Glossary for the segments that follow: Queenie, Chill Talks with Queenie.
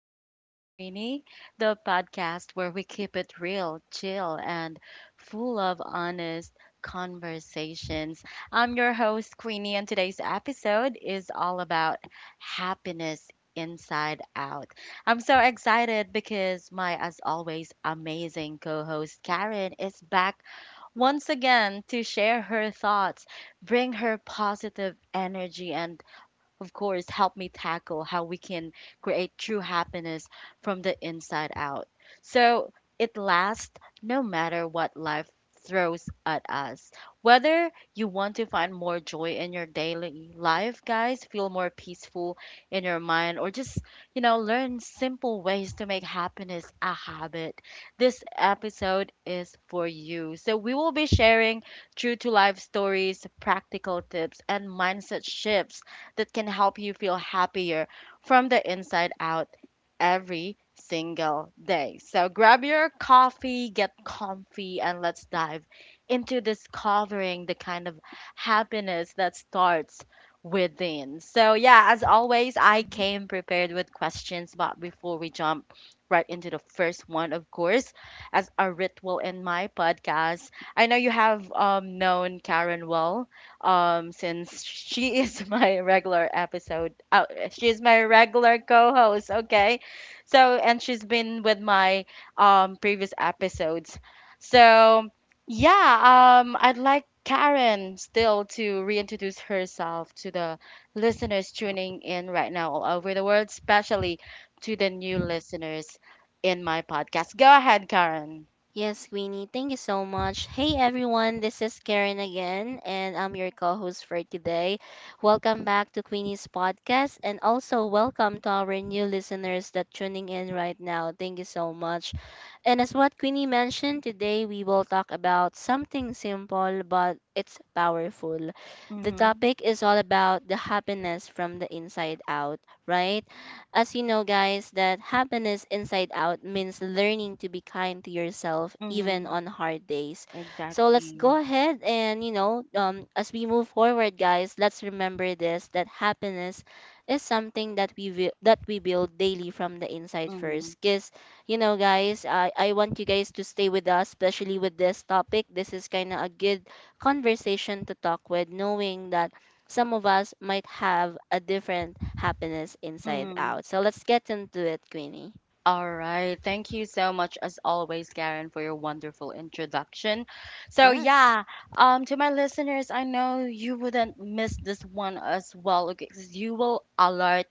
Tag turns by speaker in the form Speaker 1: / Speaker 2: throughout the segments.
Speaker 1: Talks with Queenie, the podcast where we keep it real, chill, and full of honest conversations. I'm your host, Queenie, and today's episode is all about happiness inside out. I'm so excited because my, as always, amazing co host, Karen, is back once again to share her thoughts, bring her positive energy, and of course, help me tackle how we can create true happiness from the inside out, so it lasts no matter what life throws at us. Whether you want to find more joy in your daily life, guys, feel more peaceful in your mind, or just, learn simple ways to make happiness a habit, this episode is for you. So we will be sharing true to life stories, practical tips, and mindset shifts that can help you feel happier from the inside out every single day. So grab your coffee, get comfy, and let's dive into discovering the kind of happiness that starts within. So, yeah, as always, I
Speaker 2: Mhm.
Speaker 1: came prepared with questions, but before we jump right into the first one, of course, as a ritual in my podcast, I know you have known Karen well since she is my regular episode, she is my regular co-host, okay? So and she's been with my previous episodes, so yeah, I'd like Karen still to reintroduce herself to the listeners tuning in right now all over the world, especially to the new listeners in my podcast. Go ahead, Karen.
Speaker 2: Yes, Queenie, thank you so much. Hey everyone, this is Karen again, and I'm your co host for today. Welcome back to Queenie's podcast, and also welcome to our new listeners that tuning in right now. Thank you so much. And as what Queenie mentioned, today we will talk about something simple but it's powerful. The
Speaker 1: Mm-hmm.
Speaker 2: topic is all about the happiness from the inside out, right? As you know, guys, that happiness inside out means learning to be kind to yourself even
Speaker 1: Mm-hmm.
Speaker 2: on hard days. So let's
Speaker 1: Exactly.
Speaker 2: go ahead and, as we move forward, guys, let's remember this that happiness is something that we will that we build daily from the inside
Speaker 1: Mm-hmm.
Speaker 2: first because you know guys I want you guys to stay with us, especially with this topic. This is kind of a good conversation to talk with, knowing that some of us might have a different happiness inside out. So let's get into it, Queenie.
Speaker 1: All right. Thank you so much, as always, Karen, for your wonderful introduction. So,
Speaker 2: Yes.
Speaker 1: yeah, to my listeners, I know you wouldn't miss this one as well, okay? 'Cause you will alert,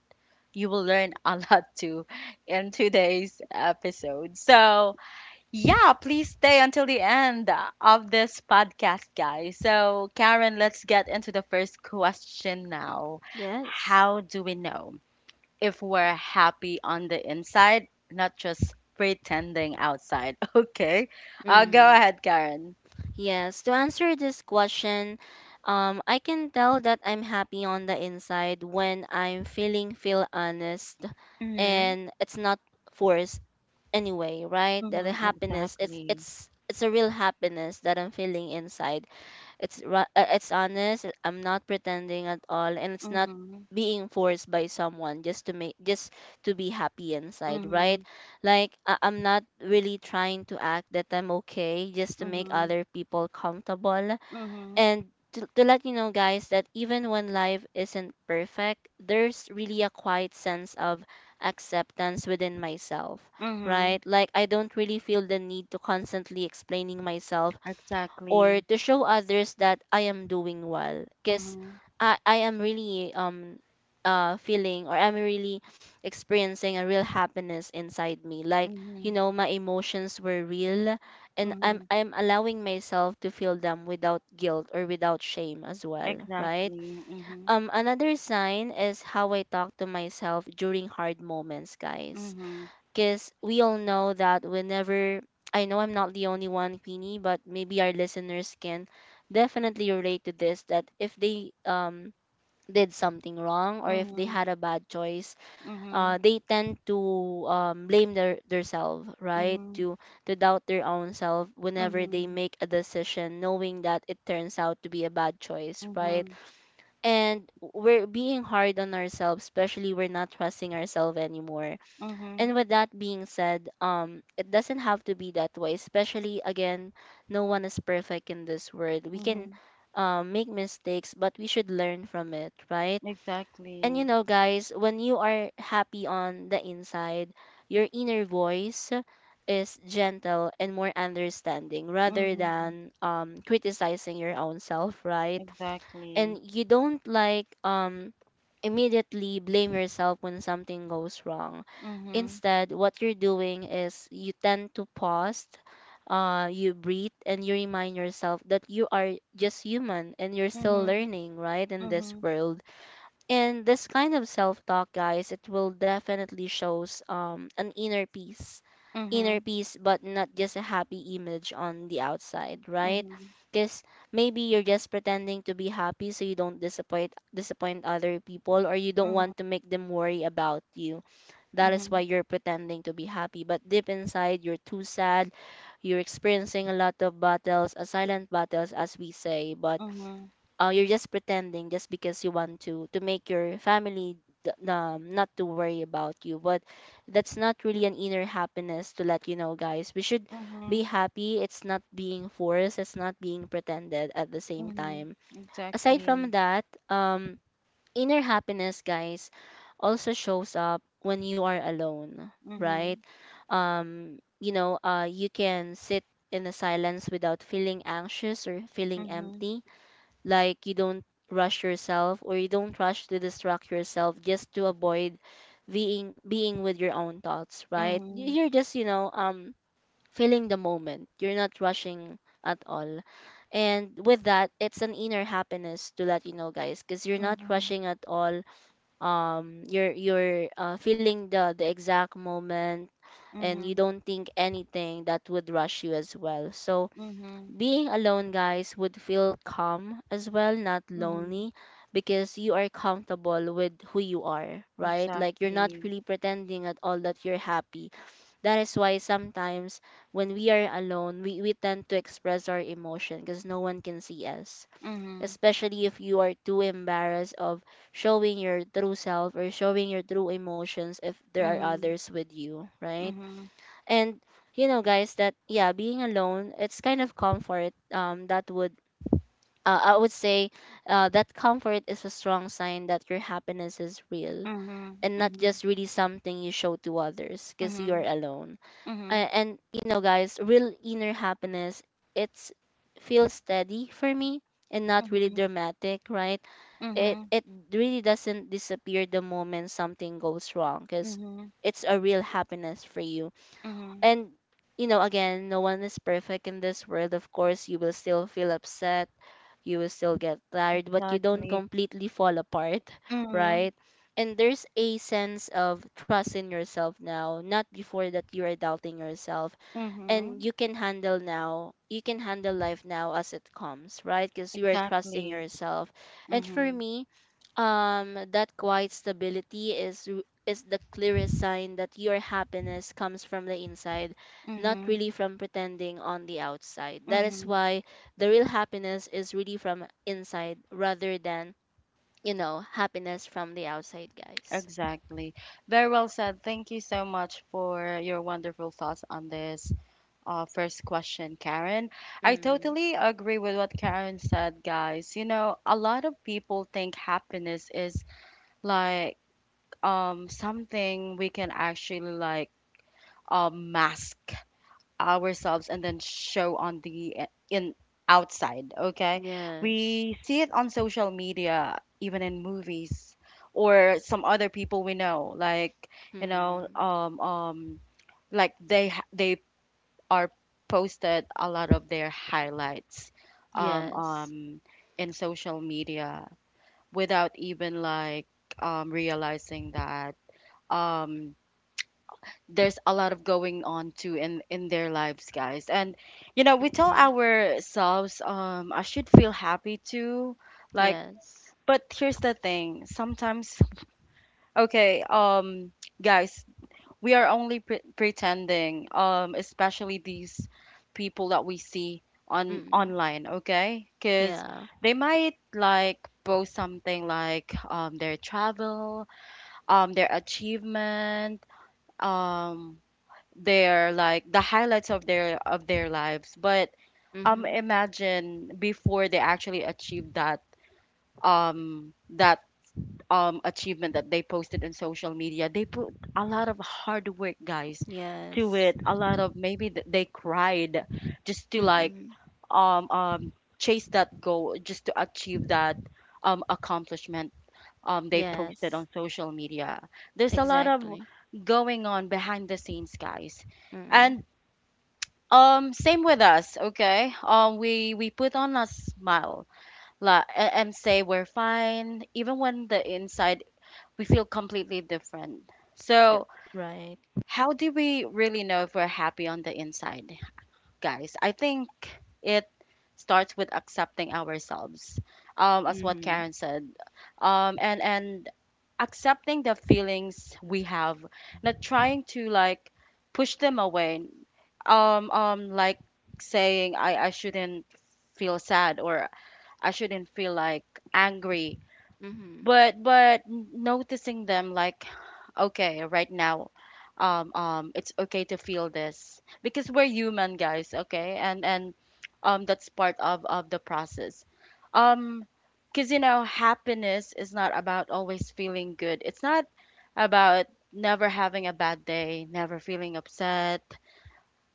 Speaker 1: you will learn a lot too in today's episode. So, yeah, please stay until the end of this podcast, guys. So, Karen, let's get into the first question now.
Speaker 2: Yes.
Speaker 1: How do we know if we're happy on the inside, not just pretending outside? Okay. Go
Speaker 2: Mm.
Speaker 1: ahead, Karen.
Speaker 2: Yes. To answer this question, I can tell that I'm happy on the inside when I'm feel honest
Speaker 1: Mm-hmm.
Speaker 2: and it's not forced anyway, right? That the
Speaker 1: Mm-hmm.
Speaker 2: happiness, it's
Speaker 1: Exactly.
Speaker 2: it's it's a real happiness that I'm feeling inside. It's honest. I'm not pretending at all, and it's not
Speaker 1: Mm-hmm.
Speaker 2: being forced by someone just to be happy inside, right?
Speaker 1: Mm-hmm.
Speaker 2: Like I'm not really trying to act that I'm okay just to make
Speaker 1: Mm-hmm.
Speaker 2: other people comfortable.
Speaker 1: Mm-hmm.
Speaker 2: And to let you know, guys, that even when life isn't perfect, there's really a quiet sense of acceptance within myself,
Speaker 1: Mm-hmm.
Speaker 2: right? Like, I don't really feel the need to constantly explaining myself or
Speaker 1: Exactly.
Speaker 2: to show others that I am doing well because
Speaker 1: Mm-hmm.
Speaker 2: I am really feeling, or I'm really experiencing a real happiness inside me. Like you
Speaker 1: Mm-hmm.
Speaker 2: know, my emotions were real, and I'm
Speaker 1: Mm-hmm.
Speaker 2: I'm allowing myself to feel them without guilt or without shame as well, right?
Speaker 1: Exactly. Mm-hmm.
Speaker 2: Another sign is how I talk to myself during hard moments, guys.
Speaker 1: Mm-hmm.
Speaker 2: Cuz we all know that whenever, I know I'm not the only one, Queenie, but maybe our listeners can definitely relate to this, that if they did something wrong or if they
Speaker 1: Mm-hmm.
Speaker 2: had a bad choice,
Speaker 1: Mm-hmm.
Speaker 2: they tend to blame their themselves, right?
Speaker 1: Mm-hmm.
Speaker 2: To doubt their own self whenever they
Speaker 1: Mm-hmm.
Speaker 2: make a decision, knowing that it turns out to be a bad choice, right?
Speaker 1: Mm-hmm.
Speaker 2: And we're being hard on ourselves, especially we're not trusting ourselves anymore.
Speaker 1: Mm-hmm.
Speaker 2: And with that being said, it doesn't have to be that way. Especially again, no one is perfect in this world. We can.
Speaker 1: Mm-hmm.
Speaker 2: Make mistakes, but we should learn from it, right? And you
Speaker 1: Exactly.
Speaker 2: know, guys, when you are happy on the inside, your inner voice is gentle and more understanding rather
Speaker 1: Mm-hmm.
Speaker 2: than criticizing your own self, right? And
Speaker 1: Exactly.
Speaker 2: you don't like immediately blame yourself when something goes wrong.
Speaker 1: Mm-hmm.
Speaker 2: Instead, what you're doing is you tend to pause, you breathe, and you remind yourself that you are just human and you're still
Speaker 1: Mm-hmm.
Speaker 2: learning, right, in this
Speaker 1: Mhm.
Speaker 2: world. And this kind of self-talk, guys, it will definitely shows an inner peace, inner
Speaker 1: Mhm.
Speaker 2: peace but not just a happy image on the outside, right?
Speaker 1: Mhm.
Speaker 2: Because maybe you're just pretending to be happy so you don't disappoint other people, or you don't
Speaker 1: Mhm.
Speaker 2: want to make them worry about you. That is why
Speaker 1: Mhm.
Speaker 2: you're pretending to be happy, but deep inside you're too sad. You're experiencing a lot of battles, silent battles as we say. But
Speaker 1: Mhm.
Speaker 2: you're just pretending just because you want to make your family not to worry about you. But that's not really an inner happiness. To let you know, guys, we should be
Speaker 1: Mhm.
Speaker 2: happy. It's not being forced, it's not being pretended at the same
Speaker 1: Mhm.
Speaker 2: time. Aside from
Speaker 1: Exactly.
Speaker 2: that, inner happiness, guys, also shows up when you are alone, right?
Speaker 1: Mhm.
Speaker 2: You know, you can sit in the silence without feeling anxious or feeling
Speaker 1: Mhm.
Speaker 2: empty. Like you don't rush yourself, or you don't rush to distract yourself just to avoid being with your own thoughts, right?
Speaker 1: Mhm.
Speaker 2: You're just, feeling the moment. You're not rushing at all. And with that, it's an inner happiness, to let you know, guys, because you're not
Speaker 1: Mhm.
Speaker 2: rushing at all. You're feeling the exact moment, and you
Speaker 1: Mhm.
Speaker 2: don't think anything that would rush you as well. So
Speaker 1: Mhm.
Speaker 2: being alone, guys, would feel calm as well, not
Speaker 1: Mhm.
Speaker 2: lonely, because you are comfortable with who you are, right? Like you're not
Speaker 1: Exactly.
Speaker 2: really pretending at all that you're happy. That is why sometimes, when we are alone, we tend to express our emotion because no one can see us,
Speaker 1: Mhm.
Speaker 2: especially if you are too embarrassed of showing your true self or showing your true emotions if there are
Speaker 1: Mhm.
Speaker 2: others with you, right?
Speaker 1: Mhm.
Speaker 2: And you know, guys, that yeah, being alone, it's kind of comfort. That would, I would say that comfort is a strong sign that your happiness is real
Speaker 1: Mhm.
Speaker 2: and not
Speaker 1: Mhm.
Speaker 2: just really something you show to others because you're
Speaker 1: Mhm.
Speaker 2: alone.
Speaker 1: Mhm.
Speaker 2: And you know, guys, real inner happiness, it's feels steady for me and not really
Speaker 1: Mhm.
Speaker 2: dramatic, right? it
Speaker 1: Mhm.
Speaker 2: it really doesn't disappear the moment something goes wrong, because
Speaker 1: Mhm.
Speaker 2: it's a real happiness for you.
Speaker 1: Mhm.
Speaker 2: And you know, again, no one is perfect in this world. Of course, you will still feel upset, you will still get tired, but you don't
Speaker 1: Exactly.
Speaker 2: completely fall apart
Speaker 1: Mhm.
Speaker 2: right? And there's a sense of trust in yourself now, not before that you are doubting yourself. And
Speaker 1: Mhm.
Speaker 2: you can handle life now as it comes, right? Because you are trusting
Speaker 1: Exactly.
Speaker 2: yourself. And for
Speaker 1: Mhm.
Speaker 2: me, that quiet stability is is the clearest sign that your happiness comes from the inside, not
Speaker 1: Mhm.
Speaker 2: really from pretending on the outside. That is
Speaker 1: Mhm.
Speaker 2: why the real happiness is really from inside rather than, you know, happiness from the outside, guys.
Speaker 1: Exactly. Very well said. Thank you so much for your wonderful thoughts on this, first question, Karen. I
Speaker 2: Mm,
Speaker 1: totally agree with what Karen said, guys. You know, a lot of people think happiness is like, something we can actually, like, mask ourselves and then show on the, in outside, okay?
Speaker 2: yes.
Speaker 1: We see it on social media, even in movies, or some other people we know, like, you know
Speaker 2: Mm,
Speaker 1: um um like they are posted a lot of their highlights um
Speaker 2: yes.
Speaker 1: um in social media without even, like, realizing that um there's a lot of going on too in their lives, guys. And you know, we tell
Speaker 2: Mm,
Speaker 1: ourselves, I should feel happy too, like.
Speaker 2: yes.
Speaker 1: But here's the thing, sometimes, okay, um, guys, we are only pretending, um, especially these people that we see on
Speaker 2: Mm-mm.
Speaker 1: online, okay? Because
Speaker 2: Yeah.
Speaker 1: they might, like, post something like, their travel, their achievement, um their, like, the highlights of their lives. But
Speaker 2: Mm-hmm.
Speaker 1: imagine, before they actually achieve that, um that achievement that they posted in social media, they put a lot of hard work, guys, to
Speaker 2: Yes.
Speaker 1: it. A lot of maybe they cried just to, like,
Speaker 2: Mm-mm.
Speaker 1: um um chase that goal just to achieve that, accomplishment they posted
Speaker 2: Yes.
Speaker 1: on social media. There's a lot of
Speaker 2: Exactly.
Speaker 1: going on behind the scenes, guys.
Speaker 2: Mm-mm.
Speaker 1: And same with us, okay? We put on a smile, and say we're fine, even when the inside we feel completely different.
Speaker 2: Uh,
Speaker 1: So,
Speaker 2: Right.
Speaker 1: how do we really know if we're happy on the inside, guys? I think it starts with accepting ourselves, as what
Speaker 2: Mm-hmm.
Speaker 1: Karen said, and accepting the feelings we have, not trying to, like, push them away, like saying, I shouldn't feel sad, or I shouldn't feel, like, angry,
Speaker 2: Mm-hmm.
Speaker 1: but noticing them, like, okay, right now, it's okay to feel this because we're human, guys, okay? And um, that's part of the process. Um, because you know, happiness is not about always feeling good. It's not about never having a bad day, never feeling upset,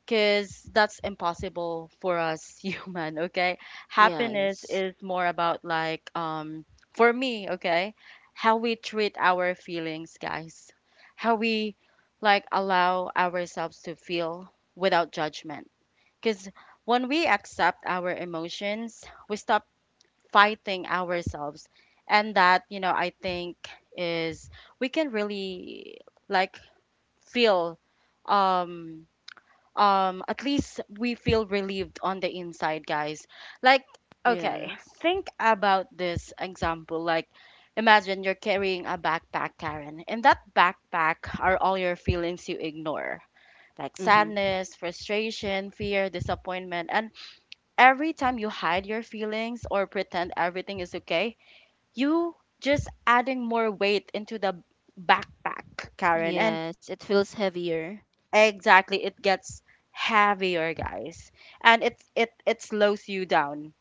Speaker 1: because that's impossible for us human, okay? Happiness
Speaker 2: Yes.
Speaker 1: is more about, like, um, for me, okay, how we treat our feelings, guys, how we, like, allow ourselves to feel without judgment. Because when we accept our emotions, we stop fighting ourselves, and that, you know, I think is, we can really, like, feel, um at least we feel relieved on the inside, guys, like, okay.
Speaker 2: Yes.
Speaker 1: Think about this example, like, imagine you're carrying a backpack, Karen. In that backpack are all your feelings you ignore, like
Speaker 2: Mm-hmm.
Speaker 1: sadness, frustration, fear, disappointment, and every time you hide your feelings or pretend everything is okay, you just adding more weight into the backpack, Karen,
Speaker 2: Yeah.
Speaker 1: and
Speaker 2: It feels heavier.
Speaker 1: Exactly. It gets heavier, guys. And it slows you down,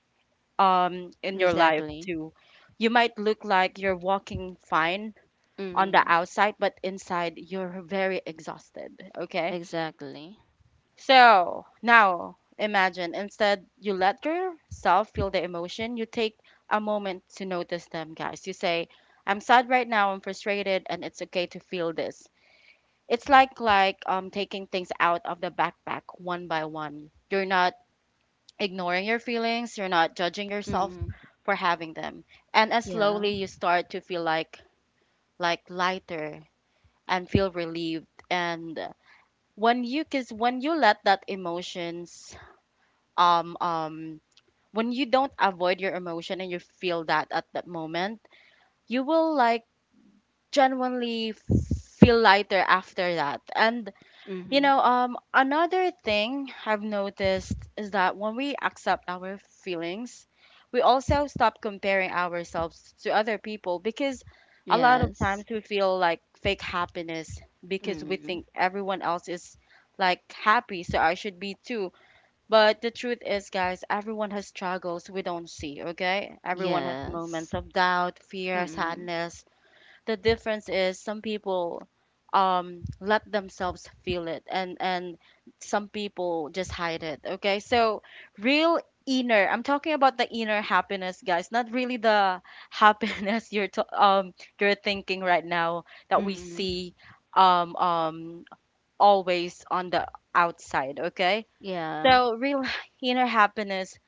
Speaker 1: um, in your life
Speaker 2: Exactly.
Speaker 1: too. You might look like you're walking fine on the
Speaker 2: Mm-hmm.
Speaker 1: outside, but inside you're very exhausted, okay?
Speaker 2: Exactly.
Speaker 1: So, now imagine instead you let yourself feel the emotion. You take a moment to notice them, guys. You say, I'm sad right now, I'm frustrated, and it's okay to feel this. It's like taking things out of the backpack one by one. You're not ignoring your feelings, you're not judging yourself
Speaker 2: Mm-hmm.
Speaker 1: for having them. And as
Speaker 2: Yeah.
Speaker 1: slowly you start to feel like lighter and feel relieved, and when you cause when you let that emotions, um um when you don't avoid your emotion and you feel that at that moment, you will, like, genuinely feel lighter after that. And you
Speaker 2: Mm-hmm.
Speaker 1: know, another thing I've noticed is that when we accept our feelings, we also stop comparing ourselves to other people. Because a lot
Speaker 2: Yes.
Speaker 1: of times we feel like fake happiness because we
Speaker 2: Mm-hmm.
Speaker 1: think everyone else is, like, happy, so I should be too. But the truth is, guys, everyone has struggles we don't see, okay? Everyone has
Speaker 2: Yes.
Speaker 1: moments of doubt, fear,
Speaker 2: Mm-hmm.
Speaker 1: sadness. The difference is, some people, um, let themselves feel it, and some people just hide it, okay? So real inner, I'm talking about the inner happiness, guys, not really the happiness you're to, um, you're thinking right now that we
Speaker 2: Mm-hmm.
Speaker 1: see, um um always on the outside, okay?
Speaker 2: Yeah.
Speaker 1: So real inner happiness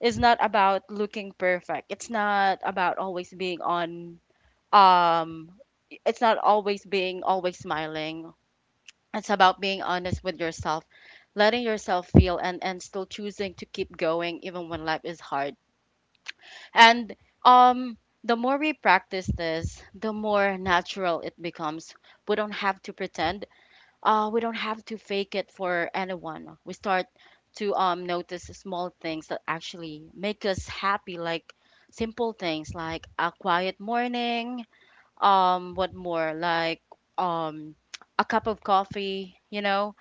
Speaker 1: is not about looking perfect. It's not about always being on, um, it's not always being always smiling. It's about being honest with yourself, letting yourself feel, and still choosing to keep going even when life is hard. And um, the more we practice this, the more natural it becomes. We don't have to pretend, uh, we don't have to fake it for anyone. We start to, um, notice small things that actually make us happy, like simple things like a quiet morning, um, what more, like, um, a cup of coffee, you know,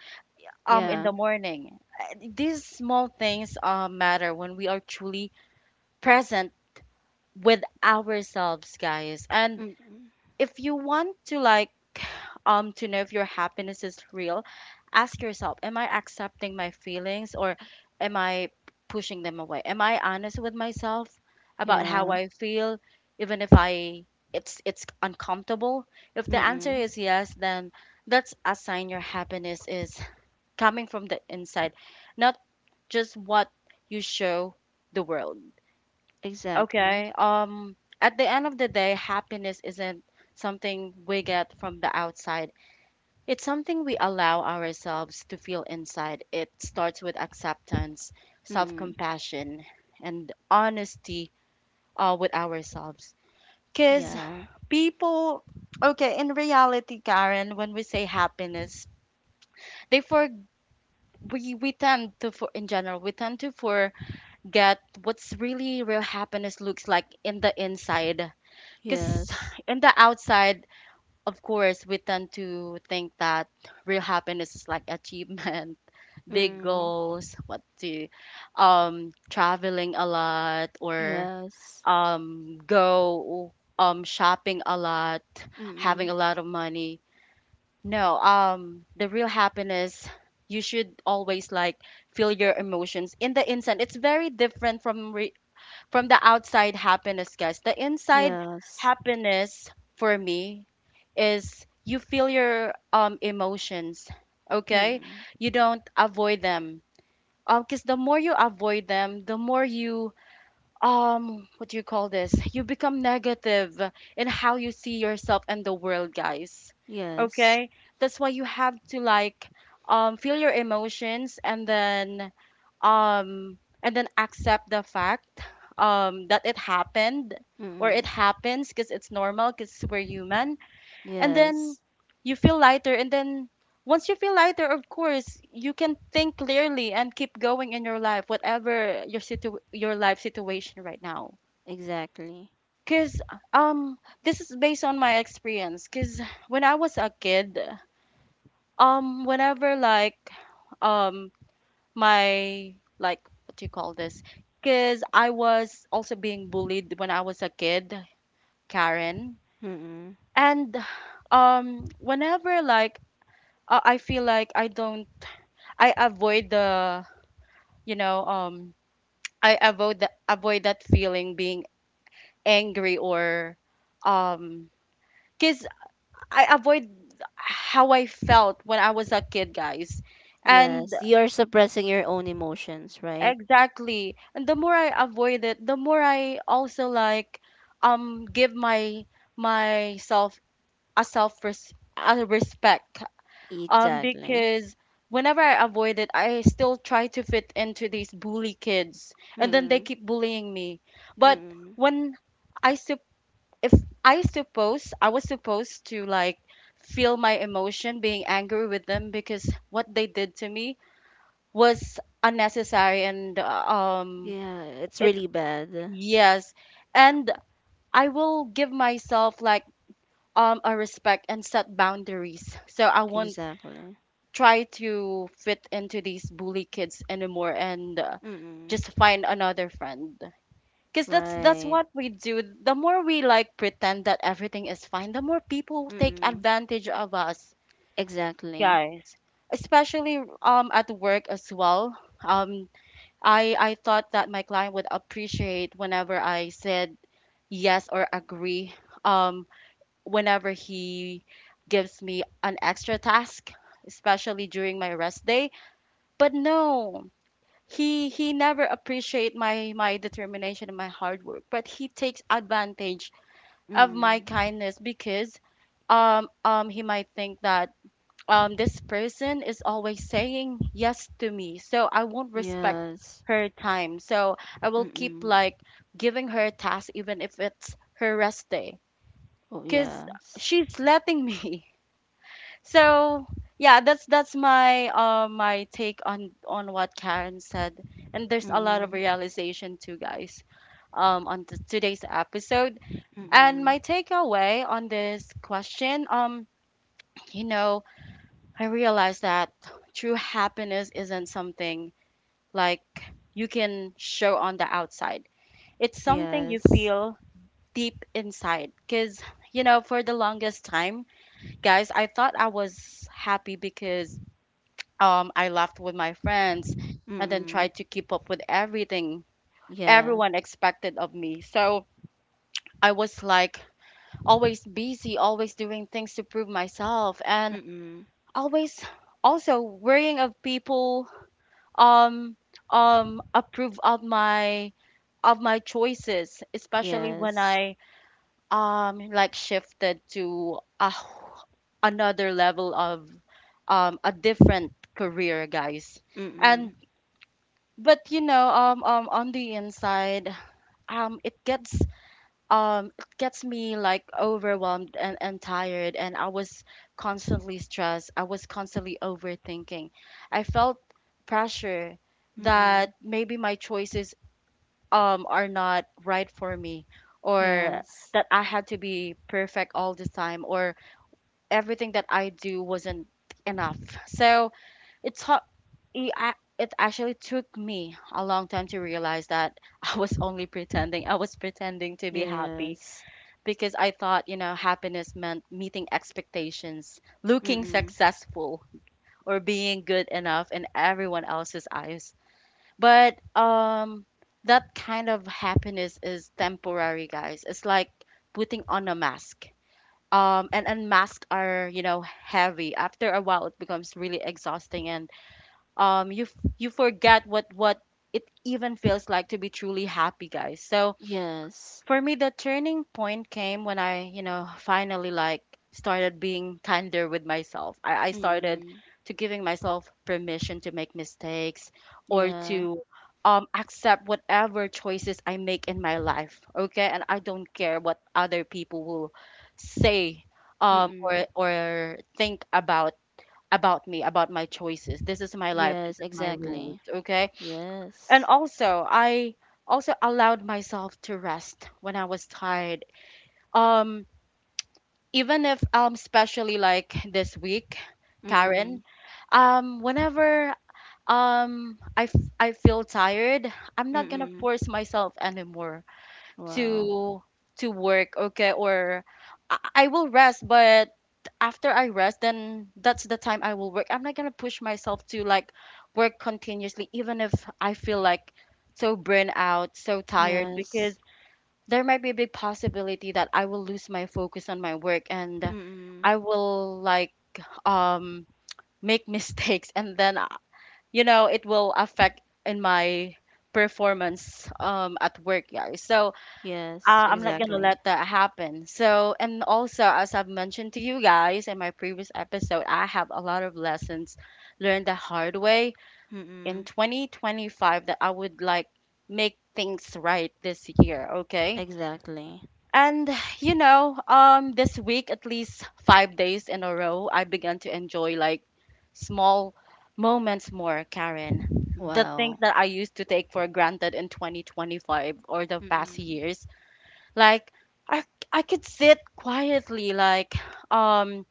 Speaker 1: um, in
Speaker 2: Yeah.
Speaker 1: the morning. These small things, matter when we are truly present with ourselves, guys. And
Speaker 2: Mm-hmm.
Speaker 1: if you want to, like, um, to know if your happiness is real, ask yourself, am I accepting my feelings, or am I pushing them away? Am I honest with myself about how
Speaker 2: Yeah.
Speaker 1: I feel, even if I it's uncomfortable? If the answer
Speaker 2: Mm-hmm.
Speaker 1: is yes, then that's a sign your happiness is coming from the inside, not just what you show the world.
Speaker 2: Exactly.
Speaker 1: Okay. At the end of the day, happiness isn't something we get from the outside. It's something we allow ourselves to feel inside. It starts with acceptance,
Speaker 2: Mm-hmm.
Speaker 1: self-compassion, and honesty, with ourselves. Because
Speaker 2: Yeah.
Speaker 1: people, okay, in reality, Karen, when we say happiness, they for we tend to for in general we tend to forget what's really real happiness looks like in the inside. Because
Speaker 2: Yes.
Speaker 1: in the outside, of course, we tend to think that real happiness is like achievement, big
Speaker 2: Mm.
Speaker 1: goals, what to, um, traveling a lot, or
Speaker 2: Yes.
Speaker 1: um, go, um, shopping a lot, having
Speaker 2: Mm.
Speaker 1: a lot of money. No, um, the real happiness, you should always, like, feel your emotions in the instant. It's very different from from the outside happiness, guys. The inside
Speaker 2: Yes.
Speaker 1: happiness, for me, is you feel your, um, emotions, okay?
Speaker 2: Mm.
Speaker 1: You don't avoid them. Because the more you avoid them, the more you what do you call this you become negative in how you see yourself and the world, guys.
Speaker 2: Yes.
Speaker 1: Okay, that's why you have to, like, feel your emotions, um and then accept the fact that it happened or it
Speaker 2: Mm.
Speaker 1: happens, because it's normal, because we're human. And
Speaker 2: Yes.
Speaker 1: then you feel lighter, and then once you feel lighter, of course you can think clearly and keep going in your life, whatever your situ your life situation right now.
Speaker 2: Exactly.
Speaker 1: Because um this is based on my experience. Because when I was a kid, whenever, like, um my like what do you call this because I was also being bullied when I was a kid, Karen.
Speaker 2: Mm.
Speaker 1: And whenever, like, I feel like I don't, I avoid the, you know um I avoid the, avoid that feeling, being angry, or um cuz I avoid how I felt when I was a kid, guys.
Speaker 2: Yes.
Speaker 1: And
Speaker 2: You're suppressing your own emotions, right?
Speaker 1: exactly, and the more I avoid it, the more I also, like, give my myself a a respect. Um,
Speaker 2: Exactly.
Speaker 1: because whenever I avoid it, I still try to fit into these bully kids, and then they
Speaker 2: Mm.
Speaker 1: keep bullying me. But
Speaker 2: Mm.
Speaker 1: when I sup if I suppose I was supposed to, like, feel my emotion, being angry with them, because what they did to me was unnecessary, and um
Speaker 2: Yeah, it's
Speaker 1: it
Speaker 2: really bad.
Speaker 1: yes. And I will give myself, like, a respect and set boundaries, so I won't
Speaker 2: Exactly.
Speaker 1: try to fit into these bully kids anymore, and
Speaker 2: Mm.
Speaker 1: just find another friend. Because that's
Speaker 2: Right.
Speaker 1: what we do, the more we, like, pretend that everything is fine, the more people take
Speaker 2: Mm.
Speaker 1: advantage of us,
Speaker 2: Exactly.
Speaker 1: guys, especially at work as well. Um, I thought that my client would appreciate whenever I said yes or agree um whenever he gives me an extra task, especially during my rest day. But no, he never appreciate my determination and my hard work, but he takes advantage of my
Speaker 2: Mm.
Speaker 1: kindness. Because um, he might think that this person is always saying yes to me, so I won't respect
Speaker 2: Yes.
Speaker 1: her time. So I will keep,
Speaker 2: Mm.
Speaker 1: like, giving her tasks even if it's her rest day,
Speaker 2: Oh,
Speaker 1: because
Speaker 2: yes.
Speaker 1: she's letting me. So yeah, that's my my take on what Karen said. And there's a lot of
Speaker 2: Mm.
Speaker 1: realization too, guys, on today's episode. And
Speaker 2: Mm.
Speaker 1: my takeaway on this question, you know, I realized that true happiness isn't something, like, you can show on the outside. It's something you
Speaker 2: Yes.
Speaker 1: feel deep inside. Because, you know, for the longest time, guys, I thought I was happy because I laughed with my friends and then
Speaker 2: Mm-mm.
Speaker 1: tried to keep up with everything
Speaker 2: Yeah.
Speaker 1: everyone expected of me. So I was, like, always busy, always doing things to prove myself, and
Speaker 2: Mm-mm.
Speaker 1: always also worrying of people um approve of my, of my choices, especially when
Speaker 2: Yes.
Speaker 1: I like shifted to a another level of a different career, guys.
Speaker 2: Mm-mm.
Speaker 1: And but you know, um, on the inside, um it gets um, it gets me, like, overwhelmed and, tired, and I was constantly stressed, I was constantly overthinking. I felt pressure
Speaker 2: Mm-mm.
Speaker 1: that maybe my choices are not right for me, or
Speaker 2: Yes.
Speaker 1: that I had to be perfect all the time, or everything that I do wasn't enough. So it's hard. It actually took me a long time to realize that I was only pretending. I was pretending to be happy,
Speaker 2: Yes.
Speaker 1: because I thought, you know, happiness meant meeting expectations, looking
Speaker 2: Mm-mm.
Speaker 1: successful, or being good enough in everyone else's eyes. But that kind of happiness is temporary, guys. It's like putting on a mask. And masks are, you know, heavy. After a while it becomes really exhausting, and you forget what it even feels like to be truly happy, guys. So
Speaker 2: Yes.
Speaker 1: for me, the turning point came when I, you know, finally, like, started being kinder with myself. I started
Speaker 2: Mm-mm.
Speaker 1: to giving myself permission to make mistakes, or
Speaker 2: Yeah.
Speaker 1: to accept whatever choices I make in my life. Okay, and I don't care what other people will say
Speaker 2: Mm-mm.
Speaker 1: or think about me, about my choices. This is my life.
Speaker 2: Yes,
Speaker 1: This is my
Speaker 2: exactly.
Speaker 1: rules. Okay. And
Speaker 2: Yes.
Speaker 1: also, I also allowed myself to rest when I was tired. Um, Even if especially like this week,
Speaker 2: Mm-mm.
Speaker 1: Karen, whenever I feel tired, I'm not gonna
Speaker 2: Mm-mm.
Speaker 1: force myself anymore
Speaker 2: Wow.
Speaker 1: to work. Okay, or I will rest, but after I rest, then that's the time I will work. I'm not gonna push myself to, like, work continuously, even if I feel, like, so burnt out, so tired, because
Speaker 2: Yes.
Speaker 1: there might be a big possibility that I will lose my focus on my work, and
Speaker 2: Mm-mm.
Speaker 1: I will, like, um make mistakes, and then you know, it will affect in my performance at work, guys. So
Speaker 2: Yes,
Speaker 1: I'm not gonna
Speaker 2: exactly.
Speaker 1: let that happen. So, and also, as I've mentioned to you guys in my previous episode, I have a lot of lessons learned the hard way in
Speaker 2: Mm-mm.
Speaker 1: 2025, that I would, like, make things right this year, okay?
Speaker 2: Exactly.
Speaker 1: And you know, this week at least 5 days in a row, I began to enjoy, like, small moments more, Karen. The things
Speaker 2: Wow.
Speaker 1: that I used to take for granted in 2025 or the past
Speaker 2: Mm-mm.
Speaker 1: years, like, I could sit quietly, like, um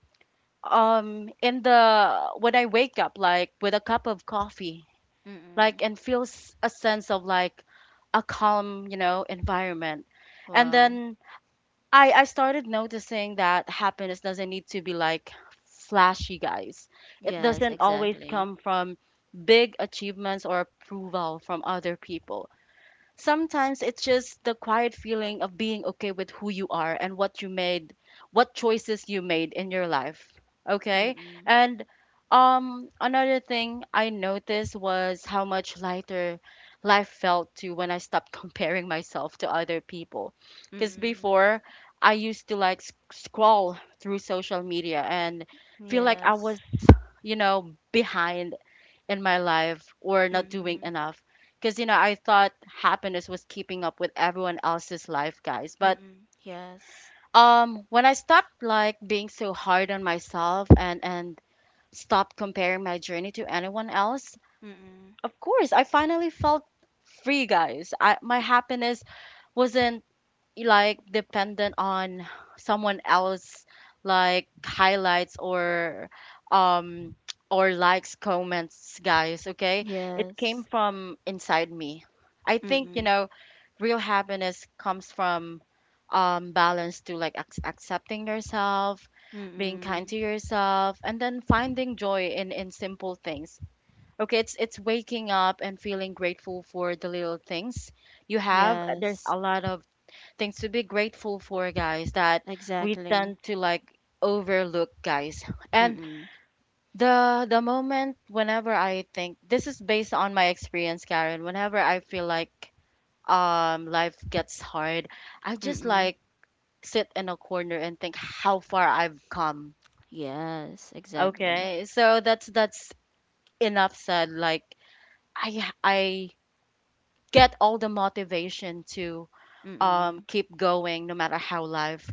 Speaker 1: um, in the, when I wake up, like, with a cup of coffee,
Speaker 2: Mm-mm.
Speaker 1: like, and feel a sense of, like, a calm, you know, environment. And
Speaker 2: Wow.
Speaker 1: then I started noticing that happiness doesn't need to be, like, flashy, guys. It
Speaker 2: Yes,
Speaker 1: doesn't always
Speaker 2: exactly.
Speaker 1: come from big achievements or approval from other people. Sometimes it's just the quiet feeling of being okay with who you are and what you made, what choices you made in your life, okay.
Speaker 2: Mm-mm.
Speaker 1: And another thing I noticed was how much lighter life felt to when I stopped comparing myself to other people. Because
Speaker 2: Mm-mm.
Speaker 1: before, I used to, like, scroll through social media and feel like I was,
Speaker 2: Yes.
Speaker 1: you know, behind in my life, or not doing
Speaker 2: Mm-mm.
Speaker 1: enough. Because, you know, I thought happiness was keeping up with everyone else's life, guys. But
Speaker 2: Mm-mm. Yes.
Speaker 1: when I stopped, like, being so hard on myself, and, stopped comparing my journey to anyone else,
Speaker 2: Mm-mm.
Speaker 1: of course, I finally felt free, guys. My happiness wasn't, like, dependent on someone else, like, highlights or um or likes, comments, guys, okay.
Speaker 2: Yeah.
Speaker 1: It came from inside me. I think, you
Speaker 2: Mm-mm.
Speaker 1: know, real happiness comes from balance, to like accepting yourself, being kind
Speaker 2: Mm-mm.
Speaker 1: to yourself, and then finding joy in simple things, okay. It's waking up and feeling grateful for the little things you have. There's a
Speaker 2: Yes.
Speaker 1: lot of things to be grateful for, guys, that we tend
Speaker 2: Exactly.
Speaker 1: to, like, overlook, guys. And
Speaker 2: Mm-mm.
Speaker 1: the moment whenever I think, this is based on my experience, Karen, whenever I feel, like, life gets hard, I just,
Speaker 2: Mm-mm.
Speaker 1: like, sit in a corner and think how far I've come.
Speaker 2: Yes. Exactly.
Speaker 1: Okay? So that's enough said. Like I get all the motivation to
Speaker 2: Mm-mm.
Speaker 1: keep going, no matter how life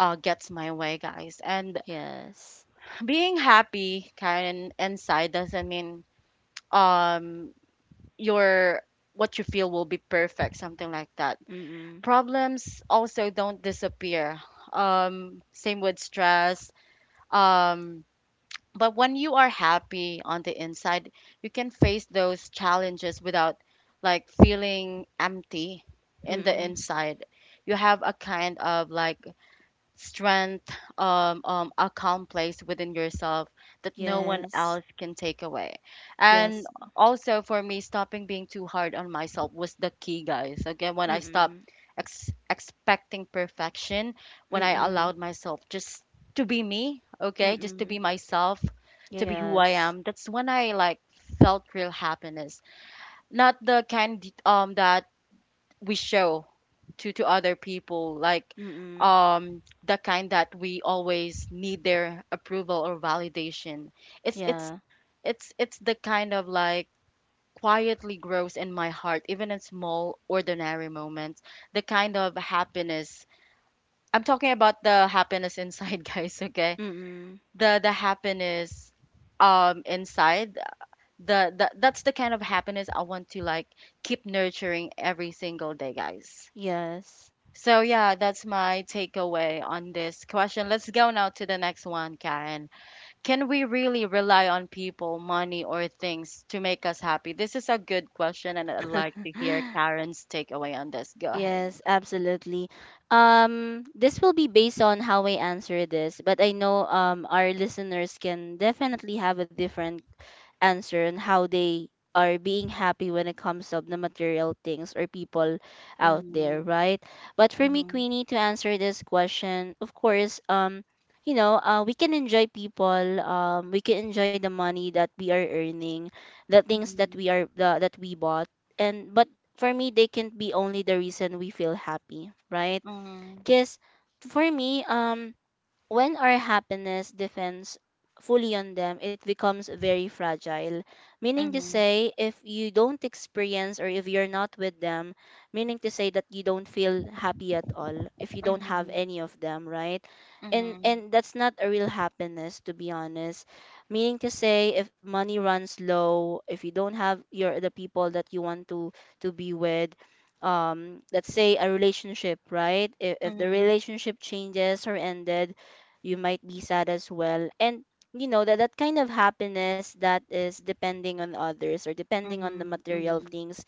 Speaker 1: gets my way, guys. And
Speaker 2: Yes.
Speaker 1: being happy, Karen, inside doesn't mean um your what you feel will be perfect, something like that.
Speaker 2: Mm-mm.
Speaker 1: Problems also don't disappear. Same with stress. Um, but when you are happy on the inside, you can face those challenges without, like, feeling empty in the
Speaker 2: Mm-mm.
Speaker 1: inside. You have a kind of, like, strength, a calm place within yourself that no one
Speaker 2: Yes.
Speaker 1: else can take away.
Speaker 2: Yes.
Speaker 1: And also, for me, stopping being too hard on myself was the key, guys. Again, when I stopped
Speaker 2: Mm-mm.
Speaker 1: expecting perfection, when I
Speaker 2: Mm-mm.
Speaker 1: allowed myself just to be me, okay, just to be
Speaker 2: Mm-mm.
Speaker 1: myself, to be who I
Speaker 2: Yes.
Speaker 1: am, that's when I, like, felt real happiness. Not the kind that we show to other people, like,
Speaker 2: Mm-mm.
Speaker 1: the kind that we always need their approval or validation. it's it's
Speaker 2: Yeah.
Speaker 1: it's it's the kind of, like, quietly grows in my heart, even in small ordinary moments. The kind of happiness I'm talking about, the happiness inside, guys, okay,
Speaker 2: Mm-mm.
Speaker 1: the happiness inside, the, that's the kind of happiness I want to, like, keep nurturing every single day, guys.
Speaker 2: Yes.
Speaker 1: So yeah, that's my takeaway on this question. Let's go now to the next one, Karen. Can we really rely on people, money, or things to make us happy? This is a good question, and I'd like to hear Karen's takeaway on this. Go ahead.
Speaker 2: Yes, absolutely. This will be based on how I answer this, but I know our listeners can definitely have a different answer on how they are being happy when it comes of the material things or people out there,
Speaker 1: Mm-hmm.
Speaker 2: right? But for me,
Speaker 1: Mm-hmm.
Speaker 2: Queenie, to answer this question, of course, you know, we can enjoy people, we can enjoy the money that we are earning, the things that that we bought, and but for me they can't be only the reason we feel happy, right?
Speaker 1: Mm-hmm.
Speaker 2: Because for me, when our happiness depends fully on them, it becomes very fragile. Meaning
Speaker 1: Mm-hmm.
Speaker 2: to
Speaker 1: Mm-hmm.
Speaker 2: say, if you don't experience or if you're not with them, meaning to say that you don't feel happy at all if you don't have any of them, right?
Speaker 1: Mm-hmm. Mm-hmm.
Speaker 2: And that's not a real happiness, to be honest. Meaning to say, if money runs low, if you don't have your the people that you want to be with, let's say a relationship, right? If the
Speaker 1: Mm-hmm.
Speaker 2: relationship changes or ended, you might be sad as well. And you know that that kind of happiness that is depending on others or depending on the
Speaker 1: Mm-hmm.
Speaker 2: material
Speaker 1: Mm-hmm.
Speaker 2: things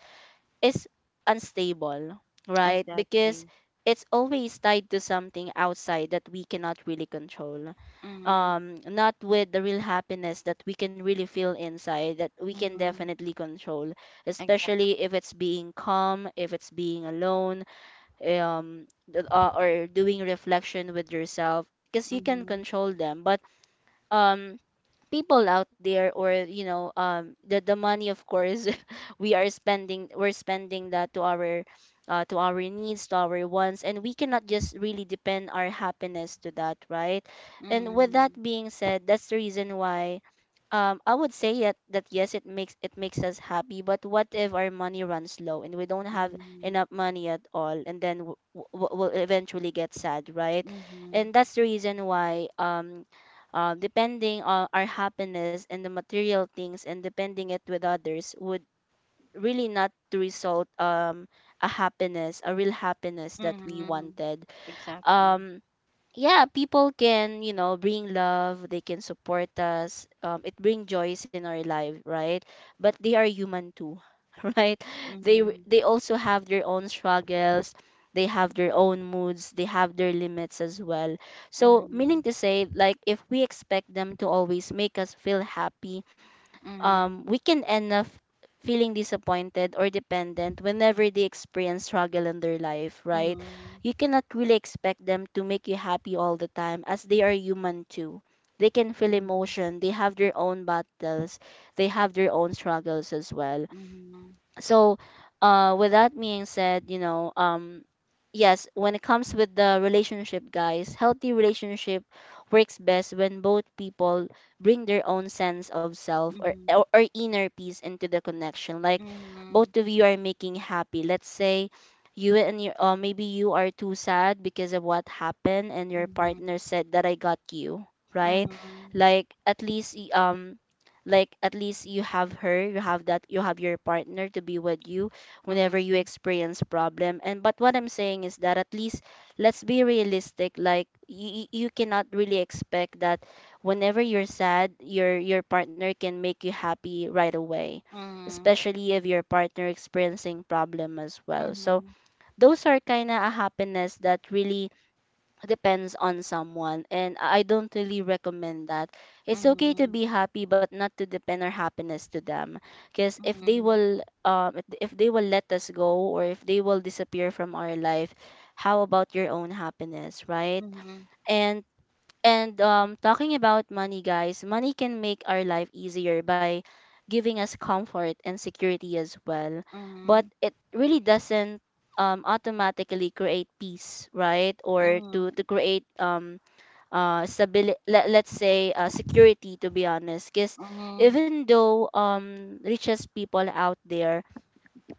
Speaker 2: is unstable, right? Because
Speaker 1: Exactly.
Speaker 2: it's always tied to something outside that we cannot really control,
Speaker 1: Mm-hmm.
Speaker 2: not with the real happiness that we can really feel inside that we can
Speaker 1: Mm-hmm.
Speaker 2: definitely control,
Speaker 1: Exactly.
Speaker 2: especially if it's being calm, if it's being alone, um or doing reflection with yourself, because you can
Speaker 1: Mm-hmm.
Speaker 2: control them. But um people out there, or you know, the money, of course we are spending, we're spending that to our needs, to our wants, and we cannot just really depend our happiness to that, right? And with that
Speaker 1: Mm-hmm.
Speaker 2: being said, that's the reason why, I would say that, that yes, it makes, it makes us happy. But what if our money runs low and we don't have enough money at all, and then we'll eventually get sad, right?
Speaker 1: Mm-hmm.
Speaker 2: And that's the reason why depending on our happiness and the material things and depending it with others would really not to result a happiness a real happiness that we
Speaker 1: Mm-hmm.
Speaker 2: wanted.
Speaker 1: Exactly.
Speaker 2: um yeah, people can, you know, bring love, they can support us. It bring joys in our life, right? But they are human too, right? They w-
Speaker 1: Mhm.
Speaker 2: they also have their own struggles, they have their own moods, they have their limits as well. So, meaning
Speaker 1: Mhm.
Speaker 2: to say, like if we expect them to always make us feel happy,
Speaker 1: Mhm.
Speaker 2: we can end up feeling disappointed or dependent whenever they experience struggle in their life, right?
Speaker 1: Mhm.
Speaker 2: You cannot really expect them to make you happy all the time as they are human too. They can feel emotion, they have their own battles, they have their own struggles as well.
Speaker 1: Mhm.
Speaker 2: So with that being said, you know, yes, when it comes with the relationship, guys, healthy relationship works best when both people bring their own sense of self or
Speaker 1: Mhm.
Speaker 2: or inner peace into the connection. Like
Speaker 1: Mhm.
Speaker 2: both of you are making happy. Let's say you and your maybe you are too sad because of what happened and your
Speaker 1: Mhm.
Speaker 2: partner said that I got you, right?
Speaker 1: Mhm.
Speaker 2: Like like at least you have her, you have that, you have your partner to be with you whenever you experience problem. And but what I'm saying is that at least let's be realistic. Like you cannot really expect that whenever you're sad your partner can make you happy right away, especially if your partner experiencing problem as
Speaker 1: Mhm.
Speaker 2: well. So
Speaker 1: Mhm.
Speaker 2: those are kind of a happiness that really depends on someone, and I don't really recommend that. It's okay to
Speaker 1: Mhm.
Speaker 2: be happy, but not to depend our happiness to them, because if they
Speaker 1: Mhm.
Speaker 2: will if they will let us go, or if they will disappear from our life, how about your own happiness, right?
Speaker 1: Mhm. Mhm. Mhm.
Speaker 2: And and talking about money, guys, money can make our life easier by giving us comfort and security as well. But
Speaker 1: Mhm.
Speaker 2: it really doesn't automatically create peace, right? Or to,
Speaker 1: Mhm.
Speaker 2: to create stability, let's say security, to be honest. Because
Speaker 1: Mhm.
Speaker 2: even though richest people out there,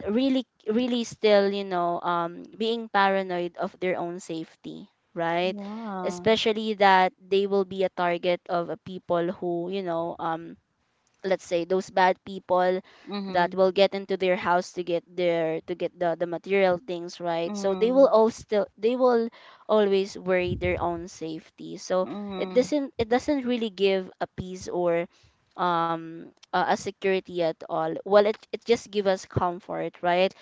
Speaker 2: really really still, you know, being paranoid of their own safety, right?
Speaker 1: Yeah.
Speaker 2: Especially that they will be a target of a people who, you know, let's say those bad people that
Speaker 1: Mhm.
Speaker 2: will get into their house to get their to get the material things, right? So they will
Speaker 1: Mhm.
Speaker 2: all still they will always worry their own safety. So it
Speaker 1: Mhm.
Speaker 2: doesn't it doesn't really give a peace or um a security at all. Well, it just give us comfort, right?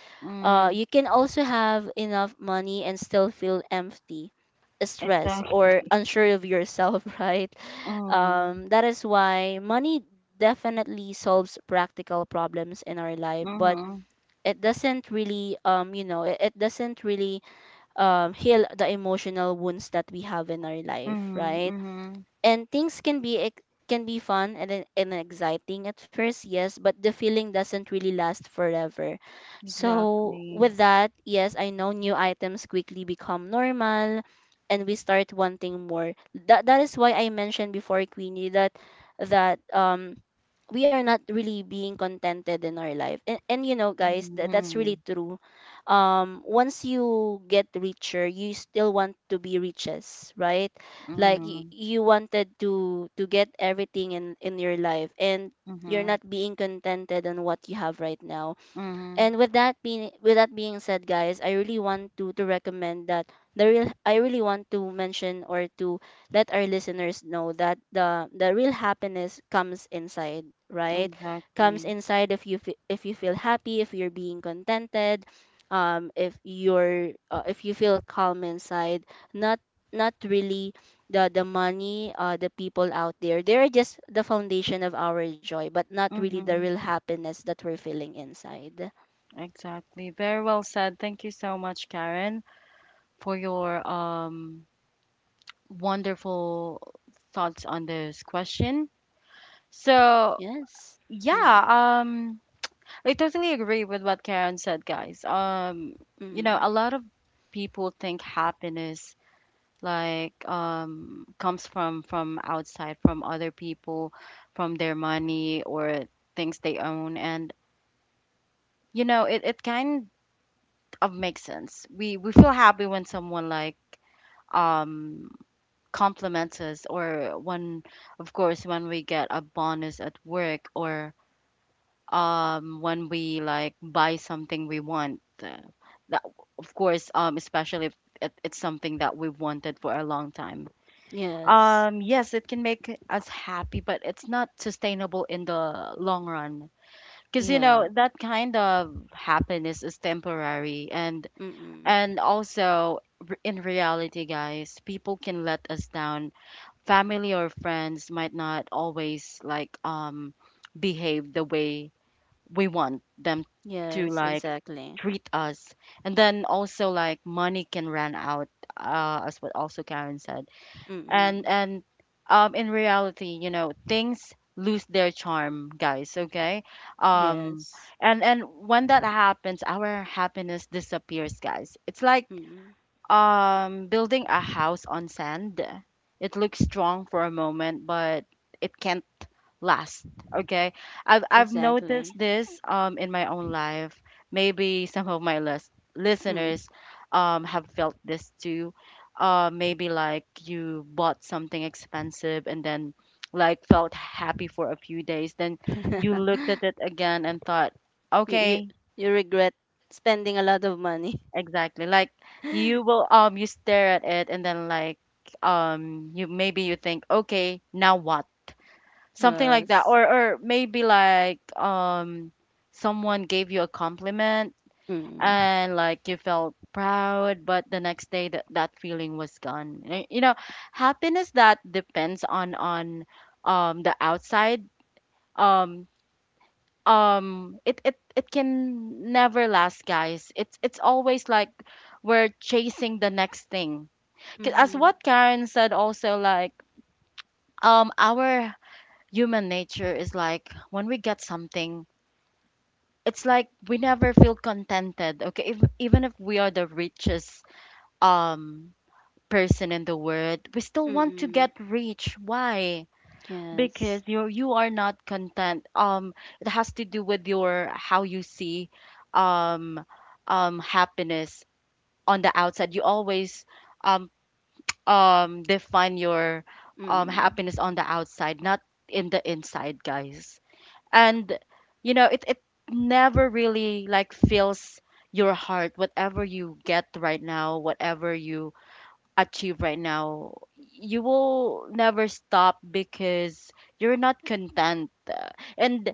Speaker 1: Mhm.
Speaker 2: You can also have enough money and still feel empty, stressed or
Speaker 1: Exactly.
Speaker 2: unsure of yourself. Right?
Speaker 1: Mhm.
Speaker 2: That is why money definitely solves practical problems in our life, but
Speaker 1: Mhm.
Speaker 2: it doesn't really, um, you know, it doesn't really heal the emotional wounds that we have in our life,
Speaker 1: Mhm.
Speaker 2: right?
Speaker 1: Mhm.
Speaker 2: And things can be ex- can be fun and, and exciting at first, yes, but the feeling doesn't really last forever. So
Speaker 1: Exactly.
Speaker 2: with that, yes, I know new items quickly become normal and we start wanting more. That is why I mentioned before, Queenie, that that um we are not really being contented in our life, and you know, guys, that's really
Speaker 1: Mhm.
Speaker 2: true. Once you get richer, you still want to be riches, right? Like you,
Speaker 1: Mhm.
Speaker 2: you wanted to get everything in your life, and you're not
Speaker 1: Mhm.
Speaker 2: being contented on what you have right now.
Speaker 1: Mhm,
Speaker 2: And with that being said, guys, I really want to recommend that the real I really want to mention or to let our listeners know that the real happiness comes inside, right? Comes
Speaker 1: exactly.
Speaker 2: inside if you if you feel happy, if you're being contented, if you're if you feel calm inside. Not, not really the money, the people out there. They're just the foundation of our joy, but not really the
Speaker 1: Mhm,
Speaker 2: real happiness that we're feeling inside.
Speaker 1: exactly. Very well said. Thank you so much, Karen, for your wonderful thoughts on this question. So,
Speaker 2: Yes. Mm.
Speaker 1: yeah, um I totally agree with what Karen said, guys.
Speaker 2: Mm.
Speaker 1: A lot of people think happiness like comes from outside, from other people, from their money or things they own, and it kind of makes sense. We feel happy when someone like um compliments us, or when, of course, when we get a bonus at work, or when we like buy something we want. That, of course, especially if it's something that we've wanted for a long time.
Speaker 2: Yes.
Speaker 1: Yes, it can make us happy, but it's not sustainable in the long run. Cuz you
Speaker 2: Yeah.
Speaker 1: know that kind of happiness is temporary. and
Speaker 2: Mm.
Speaker 1: and also, in reality, guys, people can let us down. Family or friends might not always like behave the way we want them to,
Speaker 2: Yes.
Speaker 1: like,
Speaker 2: Exactly.
Speaker 1: treat us. And then also like money can run out, as what also Karen said. And
Speaker 2: Mm.
Speaker 1: and in reality, you know, things lose their charm, guys, okay? Um
Speaker 2: Yes.
Speaker 1: and when that happens, our happiness disappears, guys. It's like,
Speaker 2: Mm.
Speaker 1: building a house on sand — it looks strong for a moment, but it can't last. Okay, I've noticed
Speaker 2: Exactly.
Speaker 1: this in my own life. Maybe some of my
Speaker 2: Mm.
Speaker 1: listeners have felt this too. Maybe like you bought something expensive and then like felt happy for a few days, then you looked at it again and thought,
Speaker 2: You you
Speaker 1: okay.
Speaker 2: you regret spending a lot of money.
Speaker 1: Exactly. Like you will, you stare at it and then like, you maybe you think, okay, now what? Something like that.
Speaker 2: Yes.
Speaker 1: Or maybe like, someone gave you a compliment
Speaker 2: Mm.
Speaker 1: and like you felt proud, but the next day that feeling was gone. You know, happiness that depends on the outside, um it it can never last, guys. It's always like we're chasing the next thing. 'Cause as
Speaker 2: Mm.
Speaker 1: what Karen said, also like, our human nature is like when we get something, it's like we never feel contented, okay? If, even if we are the richest, um person in the world, we still want to
Speaker 2: Mm.
Speaker 1: get rich. Why?
Speaker 2: Yes.
Speaker 1: Because you are not content. It has to do with your, how you see um happiness on the outside. You always um define your
Speaker 2: Mm.
Speaker 1: happiness on the outside, not in the inside, guys. And you know it never really like fills your heart, whatever you get right now, whatever you achieve right now, you will never stop because you're not content. And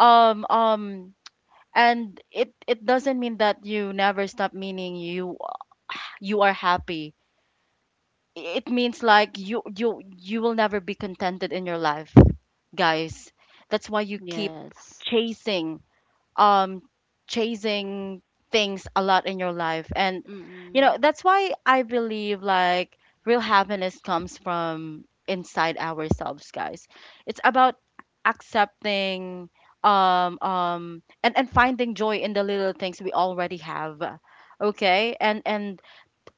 Speaker 1: um um and it doesn't mean that you never stop meaning you are happy. It means like you will never be contented in your life, guys. That's why you keep
Speaker 2: Yes.
Speaker 1: chasing, um chasing things, a lot in your life. And you
Speaker 2: Mm.
Speaker 1: know that's why I believe like real happiness comes from inside ourselves, guys. It's about accepting, and finding joy in the little things we already have, okay? and and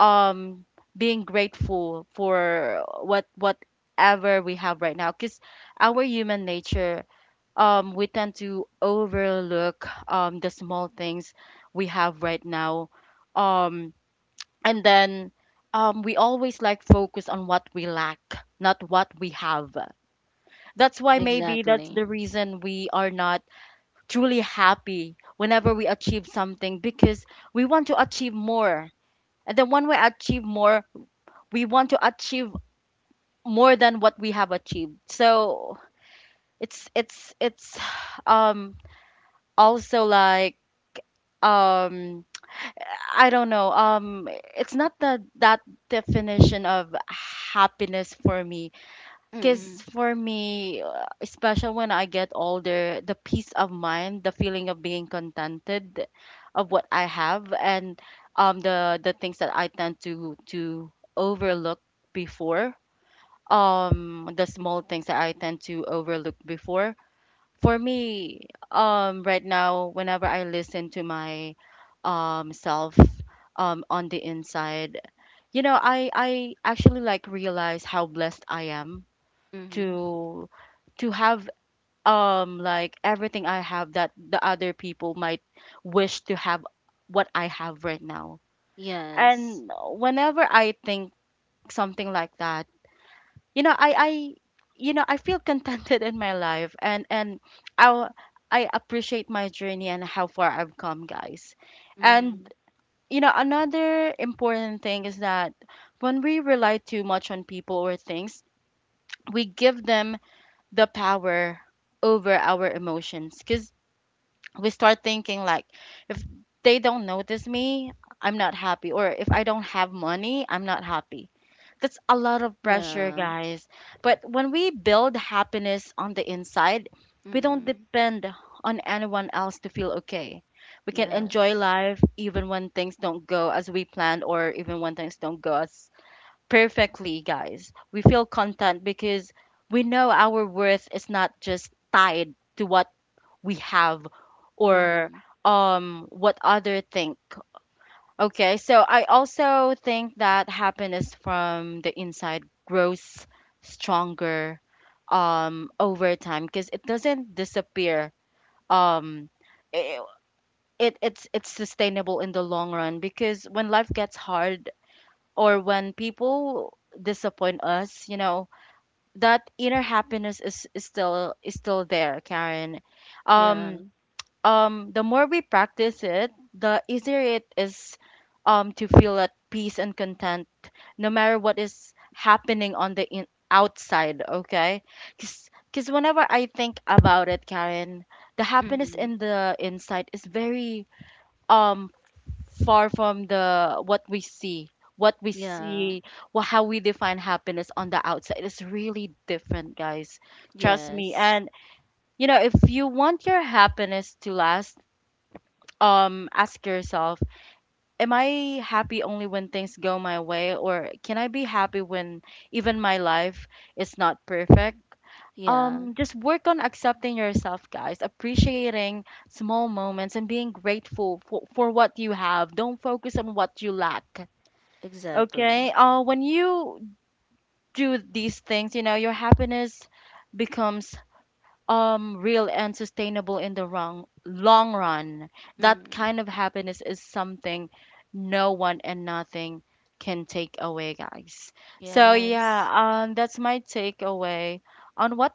Speaker 1: um being grateful for what whatever we have right now, because our human nature, we tend to overlook, the small things we have right now. Um, and then, we always like focus on what we lack, not what we have. That's why maybe that's
Speaker 2: Exactly.
Speaker 1: the reason we are not truly happy whenever we achieve something, because we want to achieve more. And then when we achieve more, we want to achieve more than what we have achieved. So it's um also like, um I don't know, it's not the, that definition of happiness for me. Because
Speaker 2: Mm.
Speaker 1: for me, especially when I get older, the peace of mind, the feeling of being contented of what I have, and the things that I tend to overlook before, the small things that I tend to overlook before, for me, right now, whenever I listen to my self on the inside, you know, I actually like realize how blessed I am
Speaker 2: Mm.
Speaker 1: to have like everything I have, that the other people might wish to have what I have right now.
Speaker 2: Yes.
Speaker 1: And whenever I think something like that, you know, I feel contented in my life. And and i i appreciate my journey and how far I've come, guys. And
Speaker 2: Mm.
Speaker 1: you know, another important thing is that when we rely too much on people or things, we give them the power over our emotions, because we start thinking like, if they don't notice me, I'm not happy, or if I don't have money, I'm not happy. That's a lot of pressure,
Speaker 2: Yeah.
Speaker 1: guys. But when we build happiness on the inside, we don't
Speaker 2: Mm.
Speaker 1: depend on anyone else to feel okay. We can enjoy
Speaker 2: Yes.
Speaker 1: life even when things don't go as we planned, or even when things don't go as perfectly, guys. We feel content because we know our worth is not just tied to what we have,
Speaker 2: Mm-hmm.
Speaker 1: or what other think. Okay, so I also think that happiness from the inside grows stronger over time, because it doesn't disappear. Um i- it's sustainable in the long run, because when life gets hard or when people disappoint us, you know, that inner happiness is, is still there, Karen.
Speaker 2: Yeah.
Speaker 1: Um the more we practice it, the easier it is to feel at peace and content, no matter what is happening on the outside, okay? Because whenever I think about it, Karen, the happiness
Speaker 2: Mm-hmm.
Speaker 1: in the inside is very um far from the, what we see, what we
Speaker 2: Yeah.
Speaker 1: see how we define happiness on the outside, is really different, guys. Trust me.
Speaker 2: Yes.
Speaker 1: And you know, if you want your happiness to last, ask yourself, am I happy only when things go my way, or can I be happy when even my life is not perfect?
Speaker 2: Yeah.
Speaker 1: Just work on accepting yourself, guys, appreciating small moments, and being grateful for what you have. Don't focus on what you lack. Okay,
Speaker 2: Exactly.
Speaker 1: when you do these things, you know, your happiness becomes real and sustainable in the wrong long run. That
Speaker 2: Mm-hmm.
Speaker 1: kind of happiness is something no one and nothing can take away, guys. So
Speaker 2: Yes.
Speaker 1: yeah, that's my takeaway on what,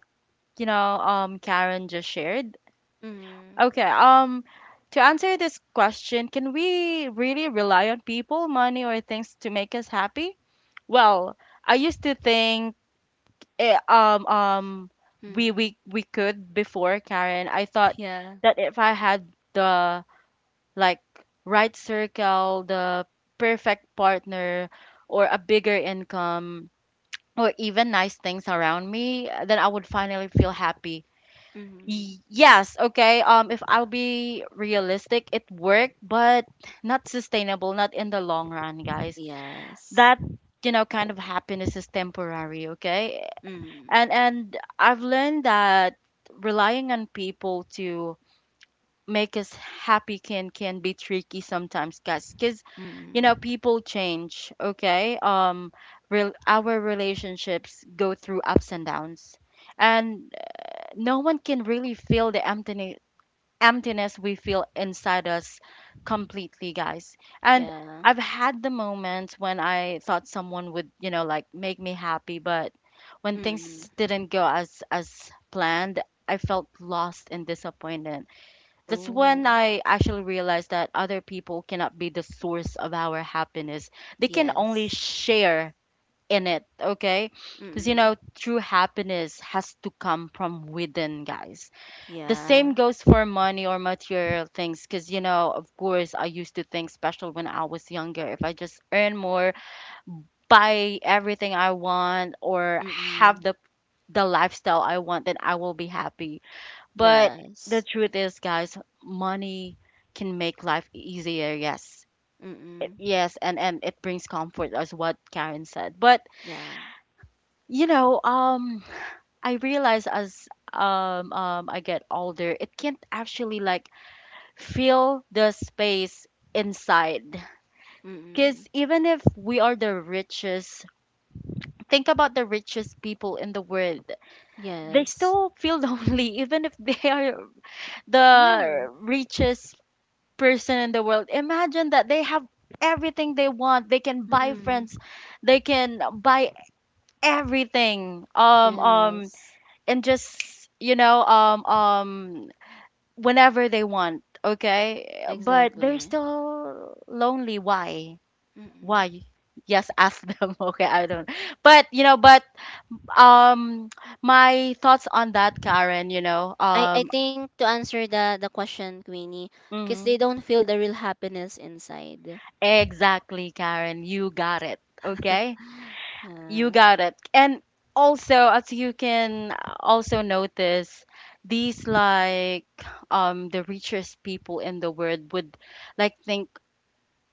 Speaker 1: you know, Karen just shared.
Speaker 2: Mm-hmm.
Speaker 1: Okay, to answer this question, can we really rely on people, money, or things to make us happy? Well, I used to think, eh, um um we
Speaker 2: Mm-hmm.
Speaker 1: we we could before, Karen. I thought
Speaker 2: Yeah.
Speaker 1: that if I had the, like, right circle, the perfect partner, or a bigger income, or even nice things around me, then I would finally feel happy.
Speaker 2: Mm-hmm.
Speaker 1: Yes, okay. If I'll be realistic, it worked, but not sustainable, not in the long run, guys.
Speaker 2: Yes.
Speaker 1: That, you know, kind of happiness is temporary, okay?
Speaker 2: Mm-hmm.
Speaker 1: And I've learned that relying on people to make us happy can be tricky sometimes, guys, because you know
Speaker 2: Mm-hmm.
Speaker 1: people change. Okay, real, our relationships go through ups and downs, and no one can really fill the emptiness we feel inside us completely, guys. And
Speaker 2: Yeah.
Speaker 1: I've had the moments when I thought someone would, you know, like make me happy, but when things
Speaker 2: Mm-hmm.
Speaker 1: didn't go as planned, I felt lost and disappointed. That's when
Speaker 2: Oh.
Speaker 1: I actually realized that other people cannot be the source of our happiness. They can only
Speaker 2: Yes.
Speaker 1: share in it, okay? Because you
Speaker 2: Mm-hmm.
Speaker 1: know, true happiness has to come from within, guys. The same
Speaker 2: Yeah.
Speaker 1: goes for money or material things, because you know, of course I used to think, special when I was younger, if I just earn more, buy everything I want, or have
Speaker 2: Mm-hmm.
Speaker 1: the lifestyle I want, then I will be happy. But the
Speaker 2: Yes.
Speaker 1: truth is, guys, money can make life easier, yes.
Speaker 2: Mm-hmm.
Speaker 1: Yes, and it brings comfort, as what Karen said. But
Speaker 2: Yeah.
Speaker 1: you know, I realize as, I get older, it can't actually like feel the space inside.
Speaker 2: Mm-hmm.
Speaker 1: Because even if we are the richest, think about the richest people in the world. They
Speaker 2: Yes.
Speaker 1: still feel lonely, even if they are
Speaker 2: Yeah.
Speaker 1: the richest person in the world. Imagine that they have everything they want. They can buy
Speaker 2: Mm-hmm.
Speaker 1: friends. They can buy everything.
Speaker 2: Yes.
Speaker 1: And just, you know, whenever they want. Okay, but they're
Speaker 2: Exactly.
Speaker 1: still lonely. Why?
Speaker 2: Mm-hmm.
Speaker 1: Why? Yes, ask them. Okay, I don't. But you know, but um, my thoughts on that, Karen. You know,
Speaker 2: I think to answer the question, Queenie, because they
Speaker 1: mhm.
Speaker 2: don't feel the real happiness inside.
Speaker 1: Exactly, Karen. You got it. Okay, you
Speaker 2: Yeah.
Speaker 1: got it. And also, as you can also notice, these like the richest people in the world would think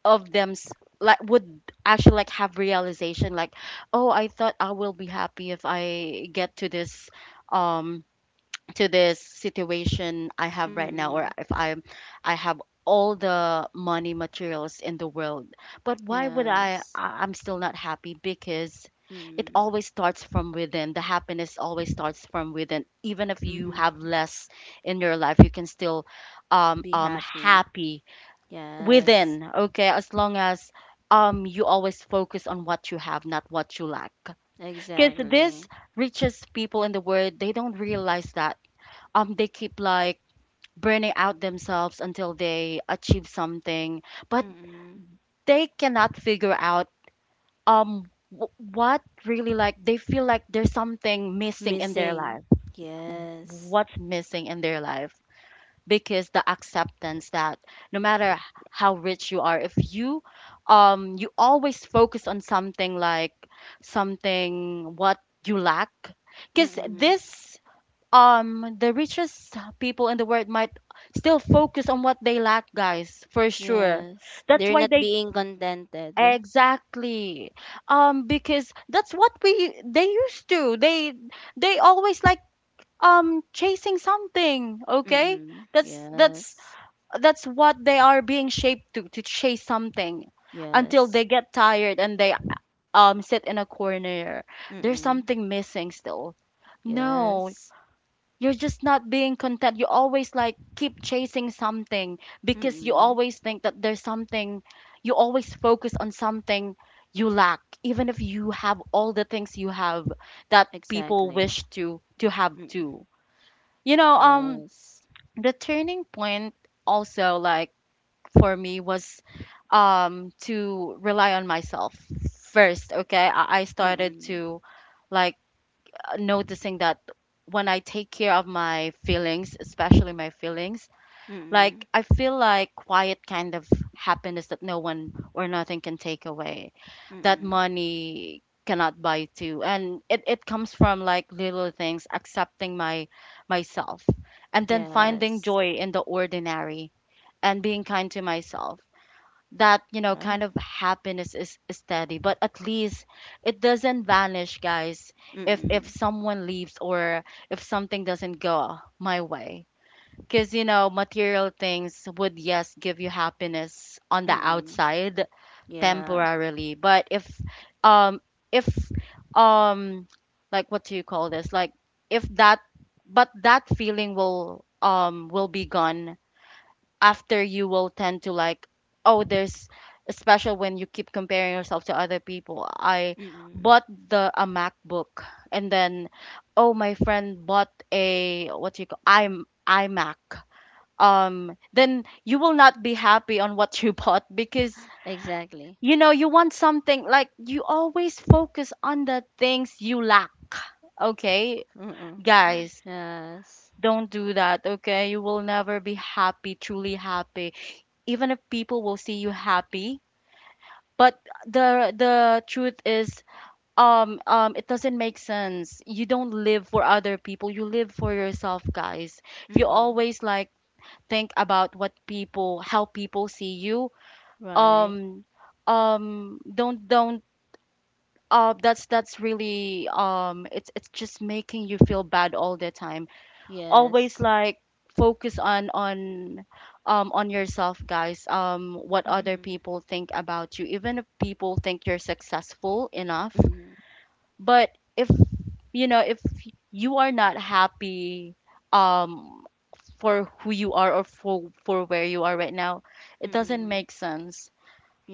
Speaker 1: of them, would actually have realization, like, oh, I thought I will be happy if I get to this, um to this situation I have right now,
Speaker 2: Mm.
Speaker 1: or if I have all the money materials in the world, but why would i
Speaker 2: Yes.
Speaker 1: I- i'm still not happy? Because it
Speaker 2: Mm.
Speaker 1: always starts from within. The happiness always starts from within. Even if you have
Speaker 2: Mm-hmm.
Speaker 1: less in your life, you can still
Speaker 2: Be happy.
Speaker 1: happy
Speaker 2: Yes.
Speaker 1: within. Okay, as long as you always focus on what you have, not what you lack. Because this
Speaker 2: Exactly.
Speaker 1: richest people in the world, they don't realize that, they keep, like, burning out themselves until they achieve something, but
Speaker 2: Mm-mm.
Speaker 1: they cannot figure out, um what really, like, they feel like there's something missing in their
Speaker 2: Missing.
Speaker 1: life.
Speaker 2: Yes.
Speaker 1: What's missing in their life? Because the acceptance that, no matter how rich you are, if you you always focus on something, like something what you lack. Because
Speaker 2: Mm-mm.
Speaker 1: this the richest people in the world might still focus on what they lack, guys, for sure.
Speaker 2: Yes.
Speaker 1: That's
Speaker 2: They're
Speaker 1: why
Speaker 2: not
Speaker 1: they,
Speaker 2: being contented.
Speaker 1: exactly, because that's what we they used to, they always, like, chasing something. Okay,
Speaker 2: Mm-mm.
Speaker 1: that's that's
Speaker 2: Yes.
Speaker 1: that's what they are being shaped to, chase something until they
Speaker 2: Yes.
Speaker 1: get tired and they, sit in a corner. There's
Speaker 2: Mm-mm.
Speaker 1: something missing still. No,
Speaker 2: Yes.
Speaker 1: you're just not being content. You always, like, keep chasing something because you
Speaker 2: Mm-mm.
Speaker 1: always think that there's something. You always focus on something you lack, even if you have all the things you have that people
Speaker 2: Exactly.
Speaker 1: wish to, have
Speaker 2: Mm-mm.
Speaker 1: too. You know,
Speaker 2: Yes.
Speaker 1: the turning point also, like, for me was to rely on myself first. Okay, I started
Speaker 2: Mm-mm.
Speaker 1: to, like, noticing that when I take care of my feelings, especially my feelings, like,
Speaker 2: Mm,
Speaker 1: I feel like quiet kind of happiness that no one or nothing can take away, that
Speaker 2: mm,
Speaker 1: money cannot buy too. And it comes from like little things: accepting my myself, and then
Speaker 2: yes.
Speaker 1: finding joy in the ordinary, and being kind to myself. That, you know, kind
Speaker 2: Uh,
Speaker 1: of happiness is steady, but at least it doesn't vanish, guys, if
Speaker 2: mm,
Speaker 1: someone leaves or if something doesn't go my way. Because, you know, material things would, yes, give you happiness on the
Speaker 2: mm,
Speaker 1: outside
Speaker 2: yeah.
Speaker 1: temporarily, but um if um like, what do you call this, like, if that but that feeling will be gone. After, you will tend to, like, oh, there's, especially when you keep comparing yourself to other people. I
Speaker 2: Mm,
Speaker 1: bought the a MacBook, and then, oh, my friend bought a, what do you call, I'm iMac, then you will not be happy on what you bought. Because,
Speaker 2: exactly.
Speaker 1: you know, you want something, like, you always focus on the things you lack. Okay,
Speaker 2: Mm,
Speaker 1: guys,
Speaker 2: yes.
Speaker 1: don't do that. Okay, you will never be happy, truly happy, even if people will see you happy. But the truth is, it doesn't make sense. You don't live for other people. You live for yourself, guys. If you
Speaker 2: Mm,
Speaker 1: always, like, think about what people, how people see you,
Speaker 2: right.
Speaker 1: um don't, that's, really, it's, just making you feel bad all the time. Always,
Speaker 2: Yes.
Speaker 1: like, focus on, on yourself, guys. What other
Speaker 2: Mm,
Speaker 1: people think about you, even if people think you're successful enough,
Speaker 2: mm,
Speaker 1: but if, you know, if you are not happy, um for who you are, or for where you are right now, it doesn't
Speaker 2: mm,
Speaker 1: make sense.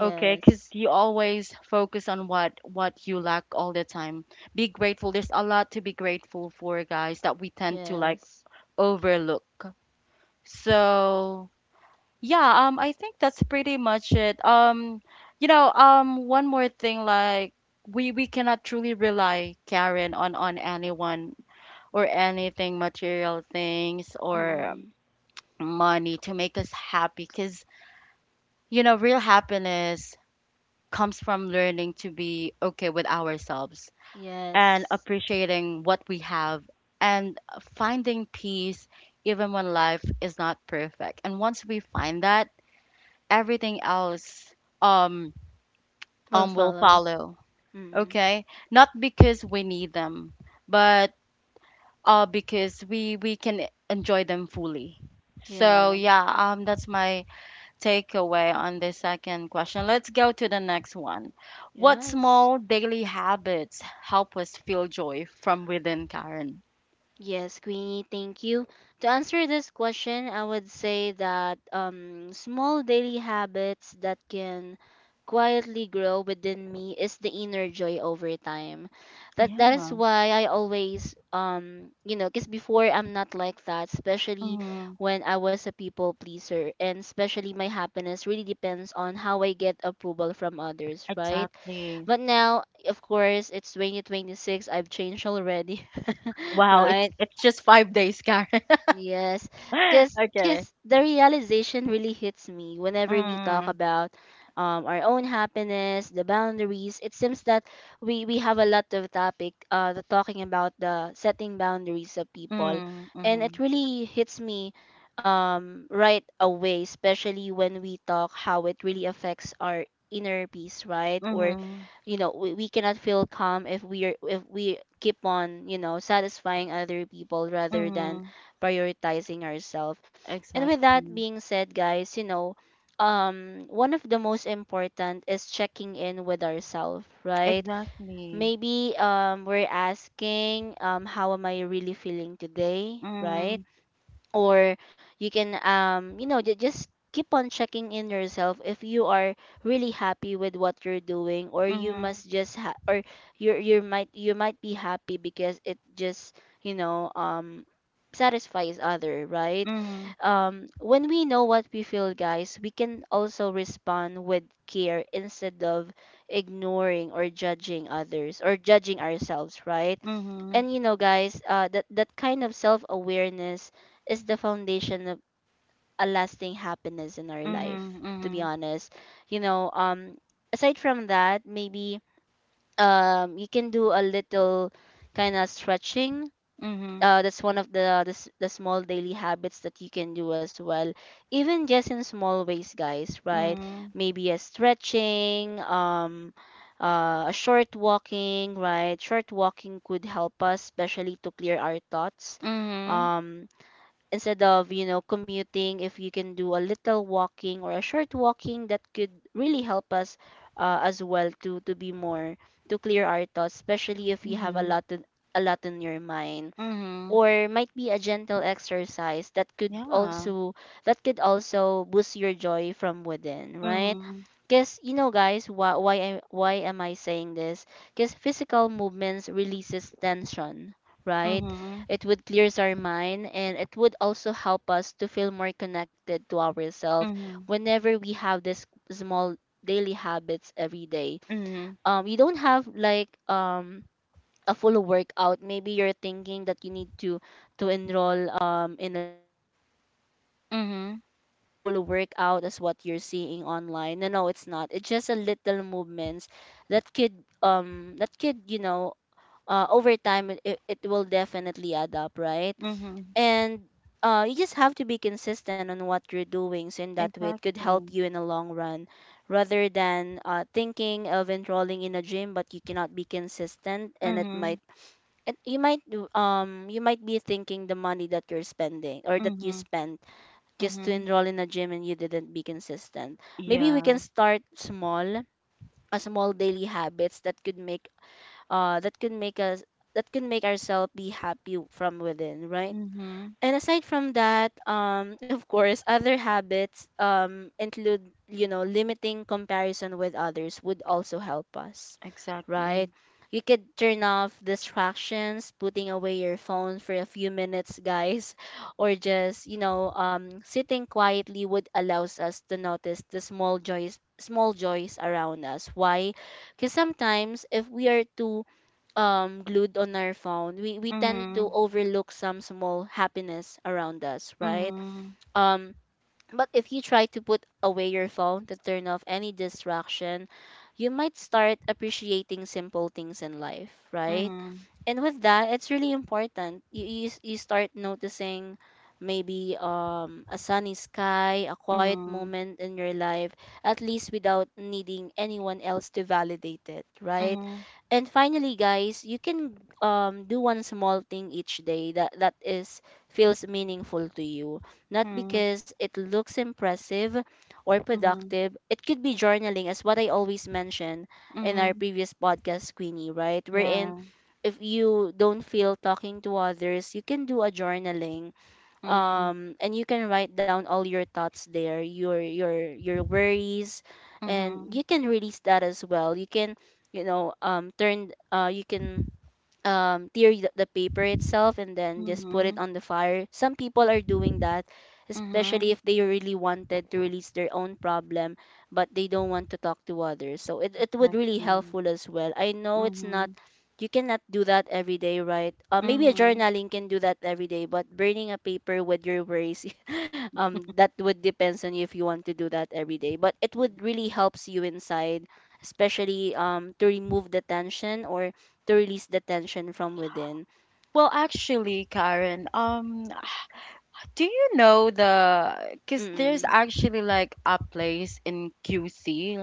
Speaker 1: Okay, because you always focus on what you lack all the time. Be grateful. There's a lot to be grateful for, guys, that we tend to, like,
Speaker 2: Yes.
Speaker 1: overlook. So, yeah, I think that's pretty much it. You know, one more thing, like, we cannot truly rely, Karen, on anyone or anything, material things or
Speaker 2: Mm,
Speaker 1: money, to make us happy. Because, you know, real happiness comes from learning to be okay with ourselves, and
Speaker 2: yes.
Speaker 1: appreciating what we have, and finding peace even when life is not perfect. And once we find that, everything else, um
Speaker 2: Will
Speaker 1: will
Speaker 2: follow.
Speaker 1: follow.
Speaker 2: Mm,
Speaker 1: Okay, not because we need them, but because we can enjoy them fully. So,
Speaker 2: yeah.
Speaker 1: yeah, that's my takeaway on the second question. Let's go to the next one. What
Speaker 2: Yes.
Speaker 1: small daily habits help us feel joy from within, Karen?
Speaker 2: Yes, Queenie, thank you. To answer this question, I would say that, small daily habits that can quietly grow within me is the inner joy over time. That
Speaker 1: Yeah.
Speaker 2: that is why I always, you know, because before I'm not like that, especially
Speaker 1: Hmm.
Speaker 2: when I was a people pleaser, and especially my happiness really depends on how I get approval from others, right?
Speaker 1: Exactly.
Speaker 2: But now, of course, it's 2026. I've changed already.
Speaker 1: Wow,
Speaker 2: Right?
Speaker 1: it's just 5 days, Karen.
Speaker 2: Yes, because
Speaker 1: Okay.
Speaker 2: the realization really hits me whenever we talk
Speaker 1: Hmm.
Speaker 2: about our own happiness, the boundaries. It seems that we have a lot of topic the talking about the setting boundaries of people,
Speaker 1: Mm-hmm.
Speaker 2: and
Speaker 1: Mm-hmm.
Speaker 2: it really hits me right away, especially when we talk how it really affects our inner peace, right? Or
Speaker 1: Mhm.
Speaker 2: you know, we cannot feel calm if we are if we keep on, you know, satisfying other people rather than
Speaker 1: Mhm.
Speaker 2: prioritizing ourselves. And with that
Speaker 1: Exactly.
Speaker 2: being said, guys, you know, one of the most important is checking in with ourselves, right?
Speaker 1: Exactly.
Speaker 2: Maybe we're asking, how am I really feeling today, right?
Speaker 1: Mhm.
Speaker 2: Or you can, you know, just keep on checking in yourself if you are really happy with what you're doing, or you
Speaker 1: Mhm.
Speaker 2: must just or you you might be happy because it just, you know, satisfies other, right?
Speaker 1: Mhm.
Speaker 2: When we know what we feel, guys, we can also respond with care instead of ignoring or judging others or judging ourselves, right?
Speaker 1: Mhm.
Speaker 2: And you know, guys, that that kind of self-awareness is the foundation of a lasting happiness in our life, to be
Speaker 1: Mhm.
Speaker 2: honest. You know, aside from that, maybe you can do a little kind of stretching.
Speaker 1: Mhm.
Speaker 2: That's one of the, the small daily habits that you can do as well, even just in small ways, guys, right?
Speaker 1: Mhm.
Speaker 2: Maybe a stretching, a short walking, right? Short walking could help us, especially to clear our thoughts.
Speaker 1: Mhm.
Speaker 2: um Instead of, you know, commuting, if you can do a little walking or a short walking, that could really help us, as well, to be more to clear our thoughts, especially if you
Speaker 1: Mhm.
Speaker 2: have a
Speaker 1: Mhm.
Speaker 2: lot to, a lot in your mind,
Speaker 1: Mhm.
Speaker 2: or might be a gentle exercise that could
Speaker 1: Yeah.
Speaker 2: also boost your joy from within, right?
Speaker 1: Mhm.
Speaker 2: Because you know, guys, why I, why am I saying this? Because physical movements releases tension, right?
Speaker 1: Mhm.
Speaker 2: It would clears our mind, and it would also help us to feel more connected to ourselves
Speaker 1: Mhm.
Speaker 2: whenever we have this small daily habits every day.
Speaker 1: Mhm.
Speaker 2: You don't have like, a full workout. Maybe you're thinking that you need to enroll, in a gym, or you know,
Speaker 1: Mhm.
Speaker 2: to do a full workout as what you're seeing online. No, no, it's not. It's just a little movements that could that could, you know, over time, it will definitely add up, right?
Speaker 1: Mhm.
Speaker 2: And you just have to be consistent on what you're doing, so in that way it could help
Speaker 1: Exactly.
Speaker 2: you in the long run rather than, thinking of enrolling in a gym but you cannot be consistent, and it
Speaker 1: Mhm.
Speaker 2: might and you might you might be thinking the money that you're spending or that you
Speaker 1: Mhm.
Speaker 2: spent just to
Speaker 1: Mhm.
Speaker 2: enroll in a gym and you didn't be consistent. Maybe we
Speaker 1: Yeah.
Speaker 2: can start small, a small daily habits that could make us that could make ourselves be happy from within, right?
Speaker 1: Mhm.
Speaker 2: And aside from that, of course, other habits include, you know, limiting comparison with others would also help us, right?
Speaker 1: Exactly.
Speaker 2: You could turn off distractions, putting away your phone for a few minutes, guys. Or just, you know, sitting quietly would allows us to notice the small joys, small joys around us. Why? Because sometimes if we are too glued on our phone, we tend to
Speaker 1: Mhm.
Speaker 2: overlook some small happiness around us, right?
Speaker 1: Mhm.
Speaker 2: um but if you try to put away your phone, to turn off any distraction, you might start appreciating simple things in life, right?
Speaker 1: Mhm.
Speaker 2: And with that, it's really important you, you start noticing maybe, a sunny sky, a quiet
Speaker 1: Mhm.
Speaker 2: moment in your life, at least without needing anyone else to validate it, right?
Speaker 1: Mhm.
Speaker 2: And finally, guys, you can, do one small thing each day that that is feels meaningful to you, not
Speaker 1: Mhm.
Speaker 2: because it looks impressive or
Speaker 1: Mhm.
Speaker 2: productive. It could be journaling, as what I always mention in our
Speaker 1: Mhm.
Speaker 2: previous podcast, Queenie, right? We're in
Speaker 1: Yeah.
Speaker 2: If you don't feel talking to others, you can do a journaling,
Speaker 1: Mm.
Speaker 2: and you can write down all your thoughts there, your worries, and
Speaker 1: Mhm.
Speaker 2: you can release that as well. You can, you know, turn you can, tear the paper itself and then just put it
Speaker 1: Mhm.
Speaker 2: on the fire. Some people are doing that, especially
Speaker 1: Mhm.
Speaker 2: if they really wanted to release their own problem, but they don't want to talk to others. So it would really
Speaker 1: Exactly.
Speaker 2: helpful as well. I know it's not
Speaker 1: Mhm.
Speaker 2: you cannot do that every day, right? Maybe a
Speaker 1: Mhm.
Speaker 2: journaling can do that every day, but burning a paper with your worries, that would depends on you if you want to do that every day. But it would really helps you inside, especially to remove the tension or to release the tension from within.
Speaker 1: Well, actually, Karen, do you know the? Because there's
Speaker 2: Mm.
Speaker 1: actually like a place in QC,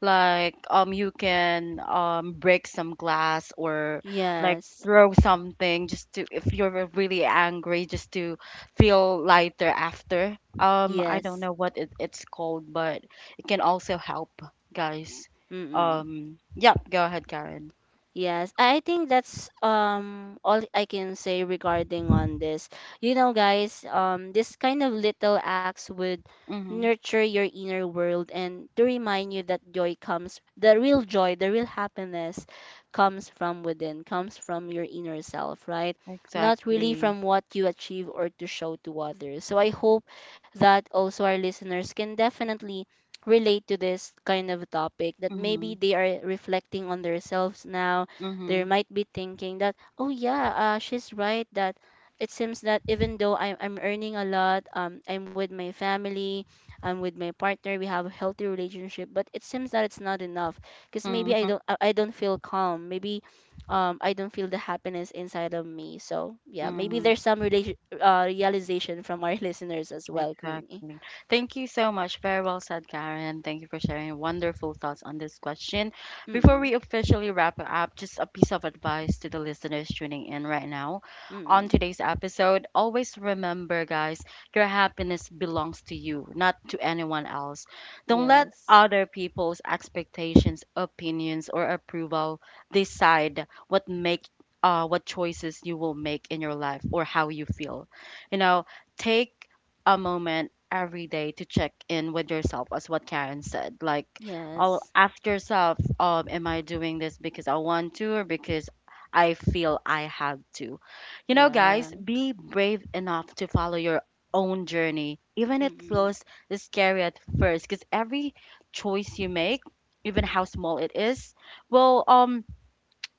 Speaker 1: like, you can, break some glass, or, like,
Speaker 2: Yes.
Speaker 1: throw something, just to, if you're really angry, just to feel lighter after. I
Speaker 2: Yes.
Speaker 1: don't know what it's called, but it can also help, guys.
Speaker 2: Mm.
Speaker 1: Yeah, go ahead, Karen.
Speaker 2: Yes, I think that's, all I can say regarding on this. You know, guys, this kind of little acts would
Speaker 1: Mhm.
Speaker 2: nurture your inner world and to remind you that joy comes, the real joy, the real happiness comes from within, comes from your inner self, right? Not really
Speaker 1: Exactly.
Speaker 2: from what you achieve or to show to others. So I hope that also our listeners can definitely relate to this kind of topic, that maybe
Speaker 1: Mhm.
Speaker 2: they are reflecting on themselves now. They
Speaker 1: Mhm.
Speaker 2: might be thinking that, oh yeah, she's right, that it seems that even though I'm earning a lot, I'm with my family, I'm with my partner, we have a healthy relationship, but it seems that it's not enough because maybe
Speaker 1: Mhm.
Speaker 2: I don't feel calm. Maybe, I don't feel the happiness inside of me. So yeah, maybe
Speaker 1: Mhm.
Speaker 2: there's some relation, realization from our listeners as well, Queenie.
Speaker 1: Exactly. Thank you so much. Very well said, Karen. Thank you for sharing your wonderful thoughts on this question. Before
Speaker 2: Mm-mm.
Speaker 1: we officially wrap it up, just a piece of advice to the listeners tuning in right now on
Speaker 2: Mm-mm.
Speaker 1: today's episode. Always remember, guys, your happiness belongs to you, not to anyone else. Don't let
Speaker 2: Yes.
Speaker 1: other people's expectations, opinions, or approval decide what make, what choices you will make in your life, or how you feel. You know, take a moment every day to check in with yourself, as what Karen said, like, I'll
Speaker 2: Yes.
Speaker 1: ask yourself, am I doing this because I want to, or because I feel I have to? You know,
Speaker 2: Yeah.
Speaker 1: guys, be brave enough to follow your own journey, even it
Speaker 2: Mm-mm.
Speaker 1: feels scary at first. Because every choice you make, even how small it is, will,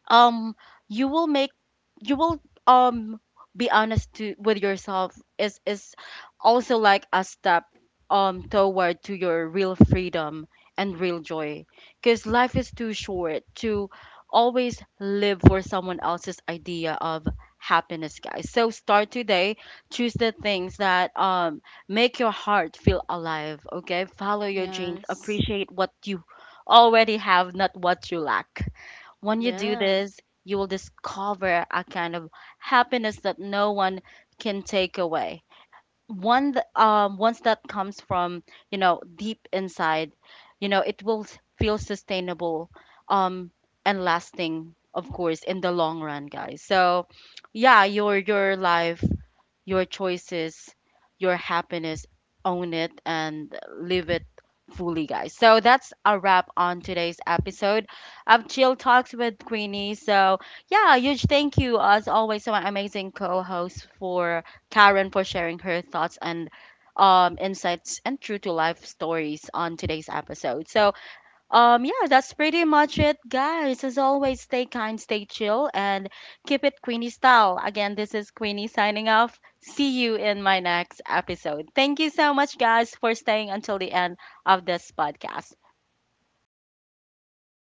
Speaker 1: um you will make, you will um be honest to with yourself, is also like a step toward to your real freedom and real joy. Because life is too short to always live for someone else's idea of happiness, guys. So start today. Choose the things that, make your heart feel alive. Okay, follow your dreams,
Speaker 2: Yes.
Speaker 1: appreciate what you already have, not what you lack. When you do
Speaker 2: Yeah.
Speaker 1: this, you will discover a kind of happiness that no one can take away. Once that comes from, you know, deep inside, you know, it will, feel sustainable, um, and lasting, of course, in the long run, guys. So, yeah, your life, your choices, your happiness, own it and live it fully, guys. So that's a wrap on today's episode of Chill Talks with Queenie. So, yeah, huge thank you, as always, to my amazing co host, for Karen, for sharing her thoughts and, insights and true to life stories on today's episode. So, yeah, that's pretty much it, guys. As always, stay kind, stay chill, and keep it Queenie style. Again, this is Queenie signing off. See you in my next episode. Thank you so much, guys, for staying until the end of this podcast.
Speaker 2: Bye.